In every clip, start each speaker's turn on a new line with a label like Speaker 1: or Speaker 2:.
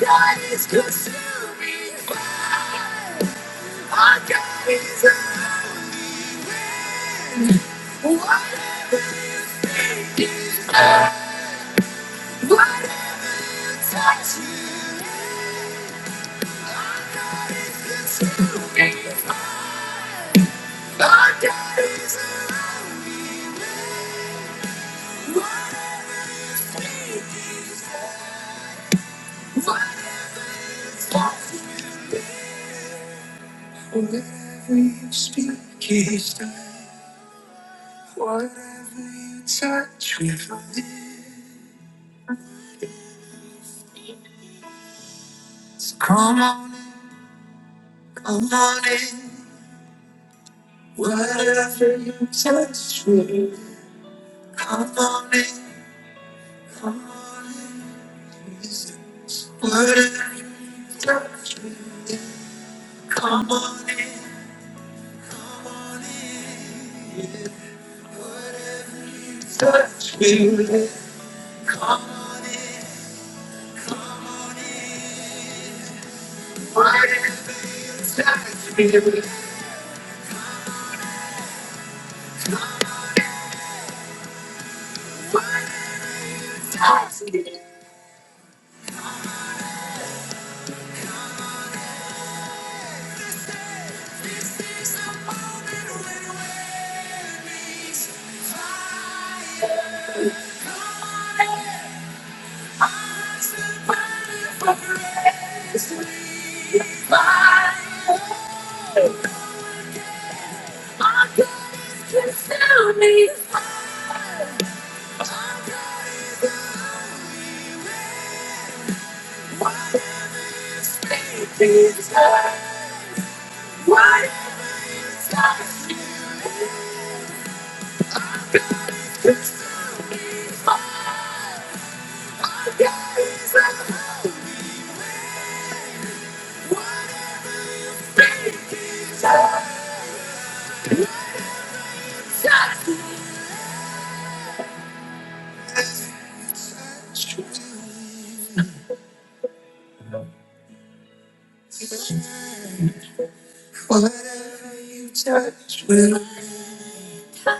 Speaker 1: God is good, but God is a what? What God is good. Our God is a what? God is good, but it's good. Our God is good, to me what is faith is. good, What is God is good. Our God is a God is good.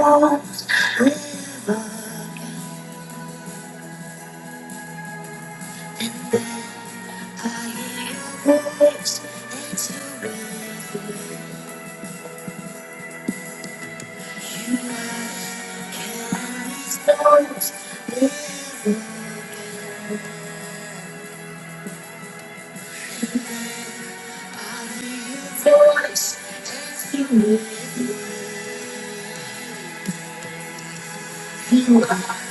Speaker 1: I don't know, so much to me. You are.